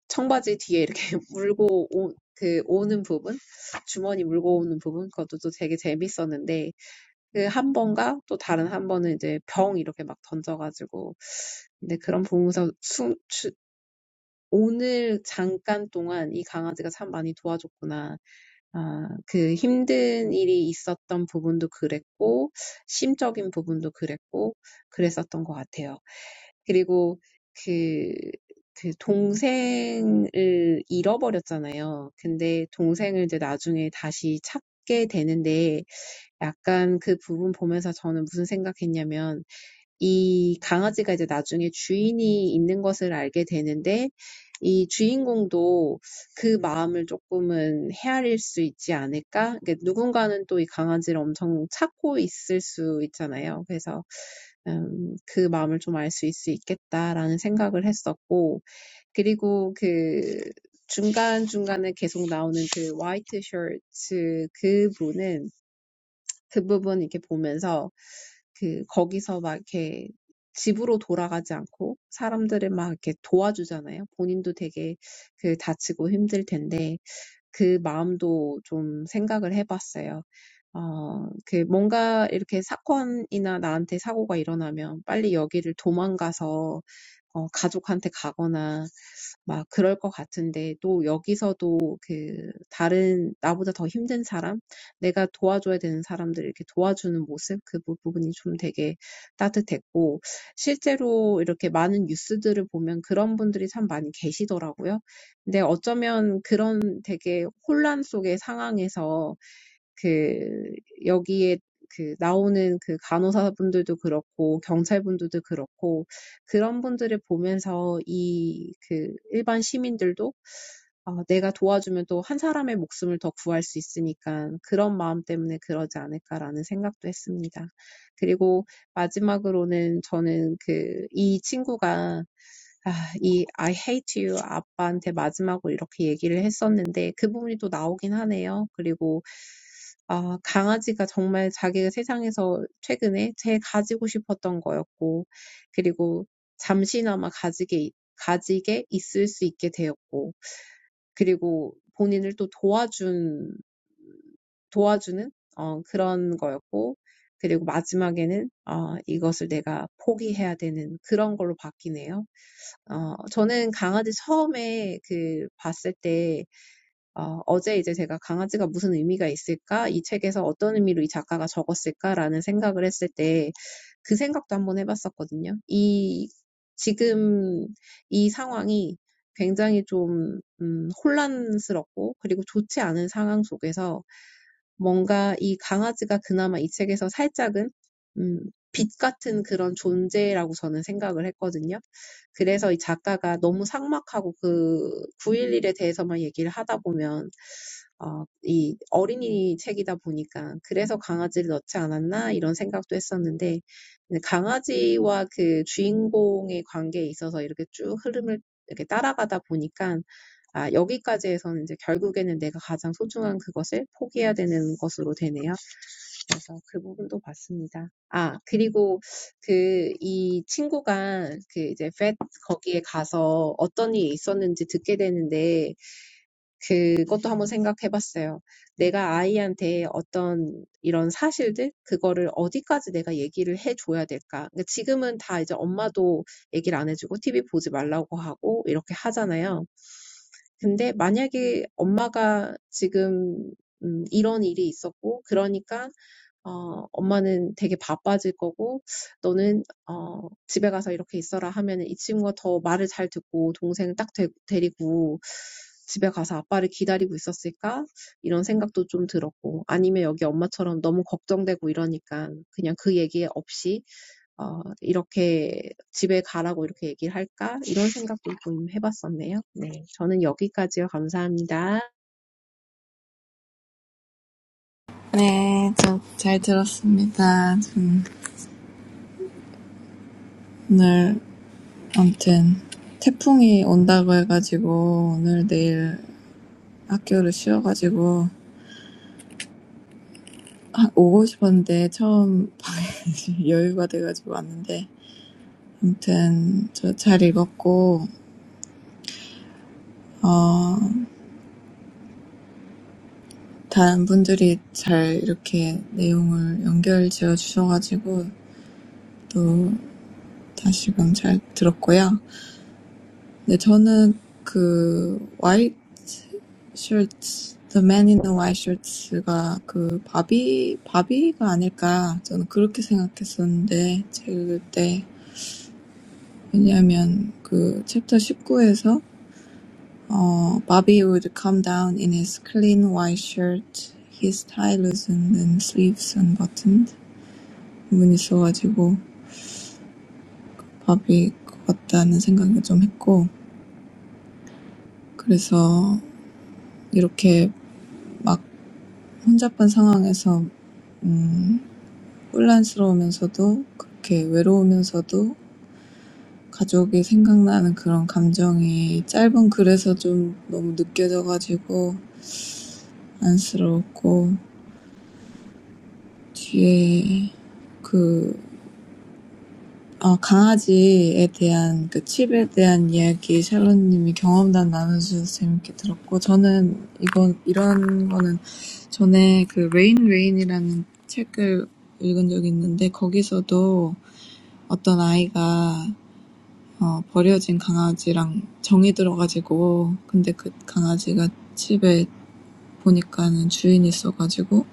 Speaker 4: 청바지 뒤에 이렇게 물고 오, 그 오는 부분, 주머니 물고 오는 부분, 그것도 또 되게 재밌었는데, 그 한 번과 또 다른 한 번은 이제 병 이렇게 막 던져가지고, 근데 그런 부분에서 수, 주, 오늘 잠깐 동안 이 강아지가 참 많이 도와줬구나. 아, 그 힘든 일이 있었던 부분도 그랬고, 심적인 부분도 그랬고, 그랬었던 것 같아요. 그리고 그, 그 동생을 잃어버렸잖아요. 근데 동생을 이제 나중에 다시 찾게 되는데, 약간 그 부분 보면서 저는 무슨 생각했냐면, 이 강아지가 이제 나중에 주인이 있는 것을 알게 되는데 이 주인공도 그 마음을 조금은 헤아릴 수 있지 않을까? 그러니까 누군가는 또이 강아지를 엄청 찾고 있을 수 있잖아요. 그래서 음, 그 마음을 좀 좀알수 수 있을 수 있겠다라는 생각을 했었고 그리고 그 중간중간에 계속 나오는 그 화이트 셔츠 그분은 그 부분 이렇게 보면서 그 거기서 막 이렇게 집으로 돌아가지 않고 사람들을 막 이렇게 도와주잖아요. 본인도 되게 그 다치고 힘들 텐데 그 마음도 좀 생각을 해봤어요. 어, 그 뭔가 이렇게 사건이나 나한테 사고가 일어나면 빨리 여기를 도망가서 어, 가족한테 가거나 막 그럴 것 같은데 또 여기서도 그 다른 나보다 더 힘든 사람, 내가 도와줘야 되는 사람들 이렇게 도와주는 모습 그 부- 부분이 좀 되게 따뜻했고 실제로 이렇게 많은 뉴스들을 보면 그런 분들이 참 많이 계시더라고요. 근데 어쩌면 그런 되게 혼란 속의 상황에서 그 여기에 그 나오는 그 간호사분들도 그렇고 경찰분들도 그렇고 그런 분들을 보면서 이그 일반 시민들도 어, 내가 도와주면 또 한 사람의 목숨을 더 구할 수 있으니까 그런 마음 때문에 그러지 않을까라는 생각도 했습니다. 그리고 마지막으로는 저는 그이 친구가 친구가 아, 이 I hate you 아빠한테 마지막으로 이렇게 얘기를 했었는데 그 부분이 또 나오긴 하네요. 그리고 아, 강아지가 정말 자기가 세상에서 최근에 제일 가지고 싶었던 거였고, 그리고 잠시나마 가지게, 가지게 있을 수 있게 되었고, 그리고 본인을 또 도와준, 도와주는, 어, 그런 거였고, 그리고 마지막에는, 어, 이것을 내가 포기해야 되는 그런 걸로 바뀌네요. 어, 저는 강아지 처음에 그 봤을 때 어, 어제 이제 제가 강아지가 무슨 의미가 있을까? 이 책에서 어떤 의미로 이 작가가 적었을까라는 생각을 했을 때 그 생각도 한번 해봤었거든요. 이, 지금 이 상황이 굉장히 좀, 음, 혼란스럽고 그리고 좋지 않은 상황 속에서 뭔가 이 강아지가 그나마 이 책에서 살짝은 음, 빛 같은 그런 존재라고 저는 생각을 했거든요. 그래서 이 작가가 너무 삭막하고 그 9.11에 대해서만 얘기를 하다 보면 어, 이 어린이 책이다 보니까 그래서 강아지를 넣지 않았나 이런 생각도 했었는데 강아지와 그 주인공의 관계에 있어서 이렇게 쭉 흐름을 이렇게 따라가다 보니까 아, 여기까지 해서 이제 결국에는 내가 가장 소중한 그것을 포기해야 되는 것으로 되네요. 그래서 그 부분도 봤습니다. 아, 그리고 그, 이 친구가 그 이제 펫 거기에 가서 어떤 일이 있었는지 듣게 되는데 그것도 한번 생각해 봤어요. 내가 아이한테 어떤 이런 사실들, 그거를 어디까지 내가 얘기를 해줘야 될까? 그러니까 지금은 다 이제 엄마도 얘기를 안 해주고 TV 보지 말라고 하고 이렇게 하잖아요. 근데 만약에 엄마가 지금 음, 이런 일이 있었고, 그러니까, 어, 엄마는 되게 바빠질 거고, 너는, 어, 집에 가서 이렇게 있어라 하면은 이 친구가 더 말을 잘 듣고, 동생을 딱 데, 데리고, 집에 가서 아빠를 기다리고 있었을까? 이런 생각도 좀 들었고, 아니면 여기 엄마처럼 너무 걱정되고 이러니까, 그냥 그 얘기 없이 어, 이렇게 집에 가라고 이렇게 얘기를 할까? 이런 생각도 좀 해봤었네요. 네. 저는 여기까지요. 감사합니다.
Speaker 5: 네, 저 잘 들었습니다. 좀 오늘 아무튼 태풍이 온다고 해가지고 오늘 내일 학교를 쉬어가지고 아, 오고 싶었는데 처음 여유가 돼가지고 왔는데 아무튼 저잘 읽었고 어, 다른 분들이 잘 이렇게 내용을 연결 지어 주셔가지고 또 다시금 잘 들었고요. 네, 저는 그 White Shirts, The Man in the White Shirts가 그 바비, 바비가 아닐까 저는 그렇게 생각했었는데 읽을 때 왜냐하면 그 챕터 십구에서 어, Bobby would come down in his clean white shirt, his tie loosened and sleeves unbuttoned. 부분이 있어가지고 밥일 것 같다는 생각을 좀 했고, 그래서 이렇게 막 혼잡한 상황에서, 음, 혼란스러우면서도, 그렇게 외로우면서도, 가족이 생각나는 그런 감정이 짧은 글에서 좀 너무 느껴져가지고, 안쓰럽고, 뒤에 그 어, 강아지에 대한 그 칩에 대한 이야기 샬롯님이 경험담 나눠주셔서 재밌게 들었고 저는 이건 이런 거는 전에 그 레인 레인이라는 책을 읽은 적이 있는데 거기서도 어떤 아이가 어, 버려진 강아지랑 정이 들어가지고 근데 그 강아지가 칩에 보니까는 주인이 있어가지고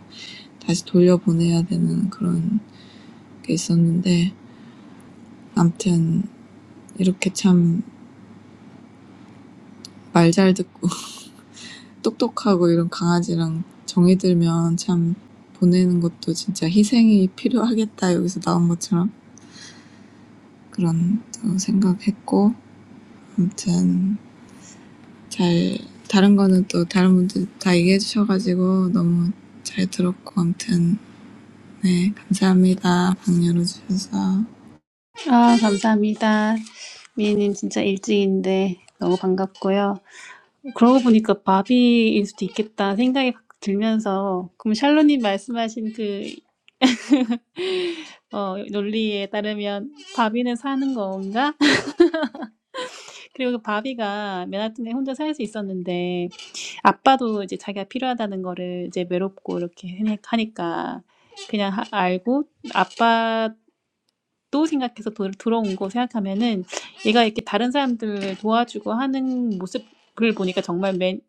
Speaker 5: 다시 돌려보내야 되는 그런 게 있었는데 암튼 이렇게 참 말 잘 듣고 똑똑하고 이런 강아지랑 정이 들면 참 보내는 것도 진짜 희생이 필요하겠다 여기서 나온 것처럼 그런 또 생각했고 아무튼 잘 다른 거는 또 다른 분들 다 얘기해 주셔가지고 너무 잘 들었고 아무튼 네 감사합니다 방 열어주셔서
Speaker 1: 아, 감사합니다. 미애님 진짜 일찍인데 너무 반갑고요. 그러고 보니까 바비일 수도 있겠다 생각이 들면서 그럼 샬로님 말씀하신 그 어, 논리에 따르면 바비는 사는 건가? 그리고 그 바비가 맨하튼에 혼자 살 수 있었는데 아빠도 이제 자기가 필요하다는 거를 이제 외롭고 이렇게 하니까 그냥 하- 알고 아빠 또 생각해서 도, 들어온 거 생각하면은 얘가 이렇게 다른 사람들 도와주고 하는 모습을 보니까 정말 맨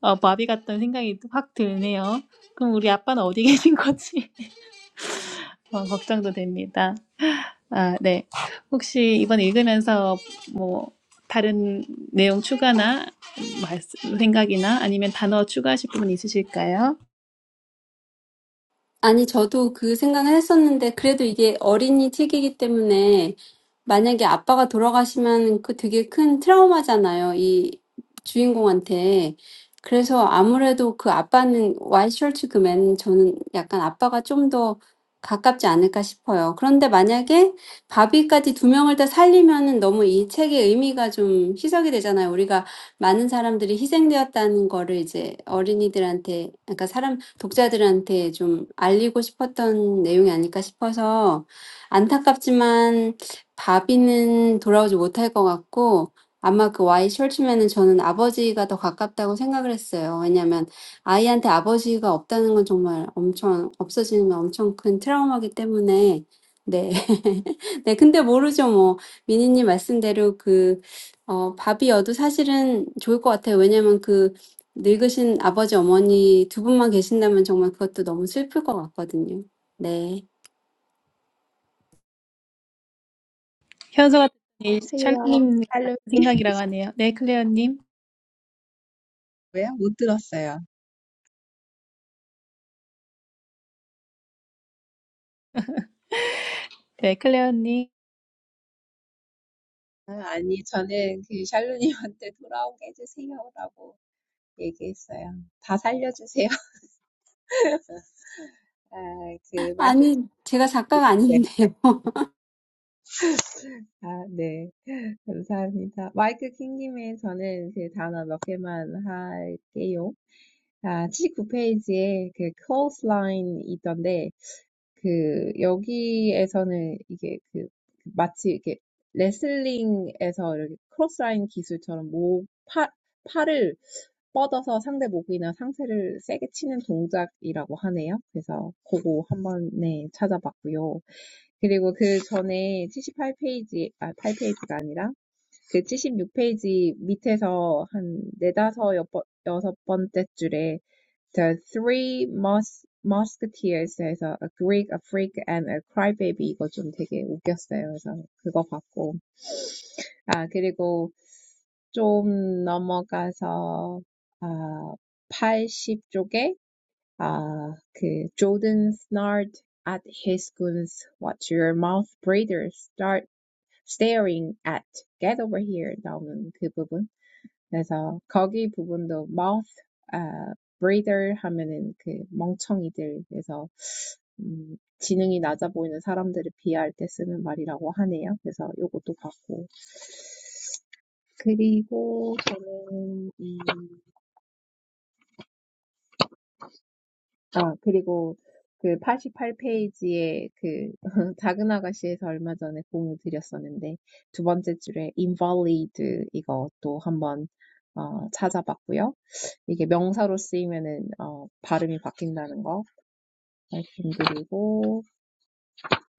Speaker 1: 어, 마비 같다는 생각이 확 드네요. 그럼 우리 아빠는 어디 계신 거지? 어, 걱정도 됩니다. 아, 네. 혹시 이번 읽으면서 뭐 다른 내용 추가나 말씀, 생각이나 아니면 단어 추가하실 부분 있으실까요?
Speaker 2: 아니, 저도 그 생각을 했었는데, 그래도 이게 어린이 책이기 때문에, 만약에 아빠가 돌아가시면 그 되게 큰 트라우마잖아요, 이 주인공한테. 그래서 아무래도 그 아빠는, Why Should You Man, 저는 약간 아빠가 좀더 가깝지 않을까 싶어요. 그런데 만약에 바비까지 두 명을 다 살리면은 너무 이 책의 의미가 좀 희석이 되잖아요. 우리가 많은 사람들이 희생되었다는 거를 이제 어린이들한테, 그러니까 사람, 독자들한테 좀 알리고 싶었던 내용이 아닐까 싶어서 안타깝지만 바비는 돌아오지 못할 것 같고 아마 그 와이 숄츠맨은 저는 아버지가 더 가깝다고 생각을 했어요. 왜냐면 아이한테 아버지가 없다는 건 정말 엄청, 없어지면 엄청 큰 트라우마기 때문에 네. 네, 근데 모르죠. 뭐, 미니님 말씀대로 그 어, 밥이어도 사실은 좋을 것 같아요. 왜냐면 그 늙으신 아버지, 어머니 두 분만 계신다면 정말 그것도 너무 슬플 것 같거든요. 네.
Speaker 1: 현서가 샬리님 같은 생각이라고 하네요. 네, 클레어님.
Speaker 4: 왜요? 못 들었어요.
Speaker 1: 네, 클레어님.
Speaker 4: 아, 아니, 저는 그 샬루님한테 돌아오게 해주세요라고 얘기했어요. 다 살려주세요. 아, 그 마이크,
Speaker 2: 아니, 제가 작가가
Speaker 4: 네.
Speaker 2: 아닌데요.
Speaker 4: 아, 네. 감사합니다. 마이크 킹님의 저는 그 단어 몇 개만 할게요. 아, 79페이지에 그 클로즈라인 있던데, 그, 여기에서는 이게 그, 마치 이렇게 레슬링에서 이렇게 크로스라인 기술처럼 목, 팔, 팔을 뻗어서 상대 목이나 상체를 세게 치는 동작이라고 하네요. 그래서 그거 한번 네, 찾아봤고요. 그리고 그 전에 칠십팔 페이지 아, 팔 페이지가 아니라 그 76페이지 밑에서 한 네다섯 여섯 여섯 번째 줄에 The Three Mus Musketeers에서 A Greek, A Freak, and A Crybaby 이거 좀 되게 웃겼어요. 그래서 그거 봤고 아 그리고 좀 넘어가서 아 80쪽에 아그 Jordan snarled at his goons, Watch your mouth, Breeder Start." staring at get over here 나오는 그 부분. 그래서 거기 부분도 mouth 아, breather 하면은 그 멍청이들 그래서 음, 지능이 낮아 보이는 사람들을 비하할 때 쓰는 말이라고 하네요. 그래서 요것도 봤고 그리고 저는 이 아, 그리고 그 88페이지에 그 작은 아가씨에서 얼마 전에 공유 드렸었는데 두 번째 줄에 invalid 이것도 한번 어, 찾아봤고요. 이게 명사로 쓰이면은 어, 발음이 바뀐다는 거 말씀드리고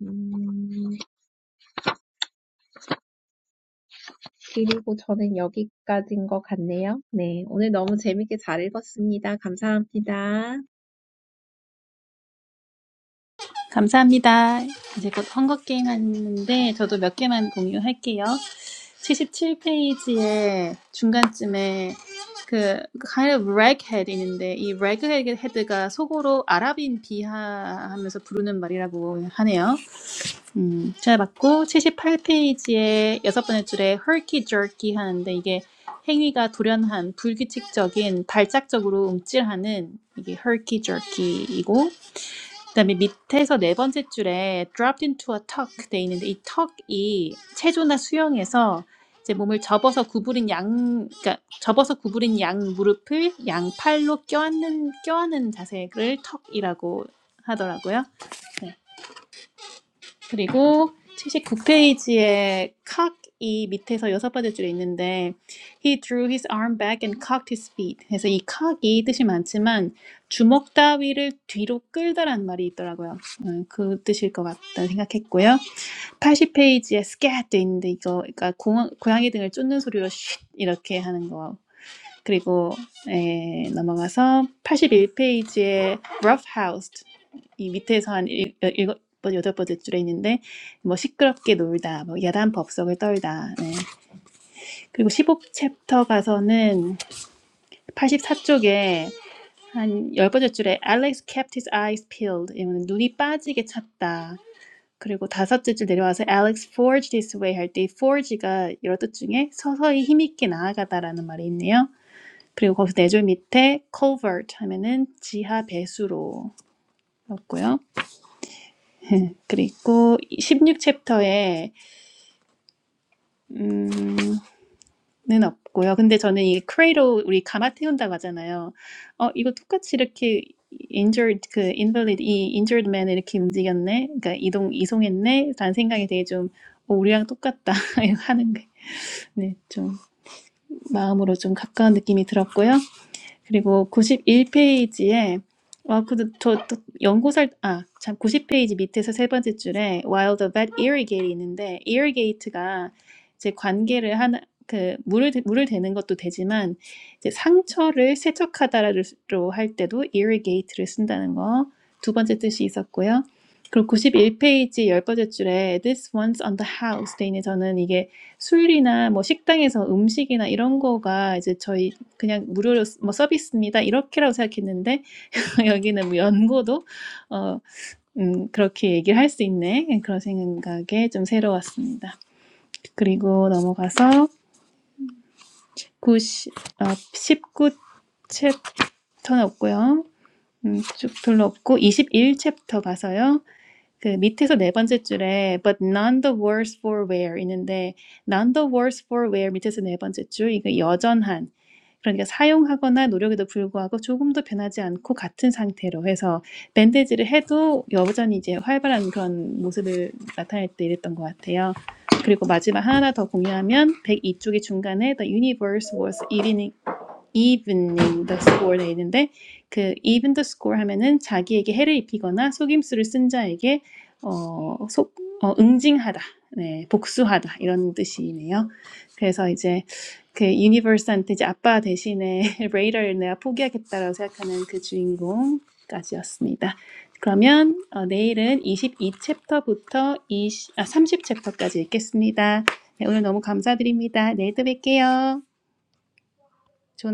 Speaker 4: 음, 그리고 저는 여기까지인 것 같네요. 네, 오늘 너무 재밌게 잘 읽었습니다. 감사합니다.
Speaker 1: 감사합니다. 이제 곧 헝거게임 하는데 저도 몇 개만 공유할게요. 77페이지에 중간쯤에 그 kind of raghead 있는데 이 raghead가 속어로 아랍인 비하하면서 부르는 말이라고 하네요. 음, 잘봤고 78페이지에 여섯 번째 줄에 herky jerky 하는데 이게 행위가 돌연한, 불규칙적인, 발작적으로 움찔하는 이게 herky jerky이고 그다음에 밑에서 네 번째 줄에 dropped into a tuck 돼 있는데 이 턱이 체조나 수영에서 이제 몸을 접어서 구부린 양, 그러니까 접어서 구부린 양 무릎을 양팔로 껴안는 껴안는 자세를 턱이라고 하더라고요. 네. 그리고 79페이지에 cock 이 밑에서 여섯 번째 줄에 있는데 he drew his arm back and cocked his feet. 그래서 이 cock이 뜻이 많지만 주먹 따위를 뒤로 끌다라는 말이 있더라고요. 음, 그 뜻일 것 같다 생각했고요. 80페이지에 scat 있는데 이거 그러니까 고, 고양이 등을 쫓는 소리로 쉿 이렇게 하는 거. 그리고 에, 넘어가서 81페이지에 rough housed 이 밑에서 한 일, 일곱 번, 여덟 번째 줄에 있는데, 뭐, 시끄럽게 놀다, 뭐, 야단 법석을 떨다, 네. 그리고 15챕터 가서는 84쪽에 한 열번째 줄에 Alex kept his eyes peeled. 이거는 눈이 빠지게 찼다. 그리고 다섯째 줄 내려와서 Alex forged his way 할 때 forge가 여러 뜻 중에 서서히 힘있게 나아가다라는 말이 있네요. 그리고 거기서 네 줄 밑에 culvert 하면은 지하 배수로였고요. 그리고 16챕터에 음,는 없고요. 근데 저는 이 크레이로 우리 가마 태운다고 하잖아요. 어, 이거 똑같이 이렇게 injured 그 invalid 이 injured man 이렇게 움직였네. 그러니까 이동 이송했네. 라는 생각이 되게 좀 어, 우리랑 똑같다 하는 게. 네, 좀 마음으로 좀 가까운 느낌이 들었고요. 그리고 91페이지에 어, 그, 저, 저 연구살, 아, 참, 90페이지 밑에서 세 번째 줄에 While the vet irrigate이 있는데, irrigate가 이제 관계를 하나, 그, 물을, 대- 물을 대는 것도 되지만, 이제 상처를 세척하다로 할 때도 irrigate를 쓴다는 거, 두 번째 뜻이 있었고요. 그리고 91페이지 열 번째 줄에 This one's on the house 돼 있는 저는 이게 술이나 뭐 식당에서 음식이나 이런 거가 이제 저희 그냥 무료로 뭐 서비스입니다 이렇게라고 생각했는데 여기는 뭐 연고도 어, 음, 그렇게 얘기를 할 수 있네 그런 생각에 좀 새로웠습니다. 그리고 넘어가서 9십 아, 19 챕터는 없고요. 음, 쭉 별로 없고 21 챕터 가서요. 그 밑에서 네 번째 줄에 but none the worse for wear 있는데 none the worse for wear 밑에서 네 번째 줄 이거 여전한 그러니까 사용하거나 노력에도 불구하고 조금도 변하지 않고 같은 상태로 해서 밴드지를 해도 여전히 이제 활발한 그런 모습을 나타낼 때 이랬던 것 같아요. 그리고 마지막 하나 더 공유하면 102쪽의 중간에 The universe was eating evening the score 돼 있는데 그 even the score 하면은 자기에게 해를 입히거나 속임수를 쓴 자에게 어, 속, 어, 응징하다, 네, 복수하다 이런 뜻이네요. 그래서 이제 그 유니버스한테 이제 아빠 대신에 레이더를 내가 포기하겠다라고 생각하는 그 주인공까지였습니다. 그러면 어, 내일은 22 챕터부터 2 아, 30 챕터까지 읽겠습니다. 네, 오늘 너무 감사드립니다. 내일 또 뵐게요. 좋은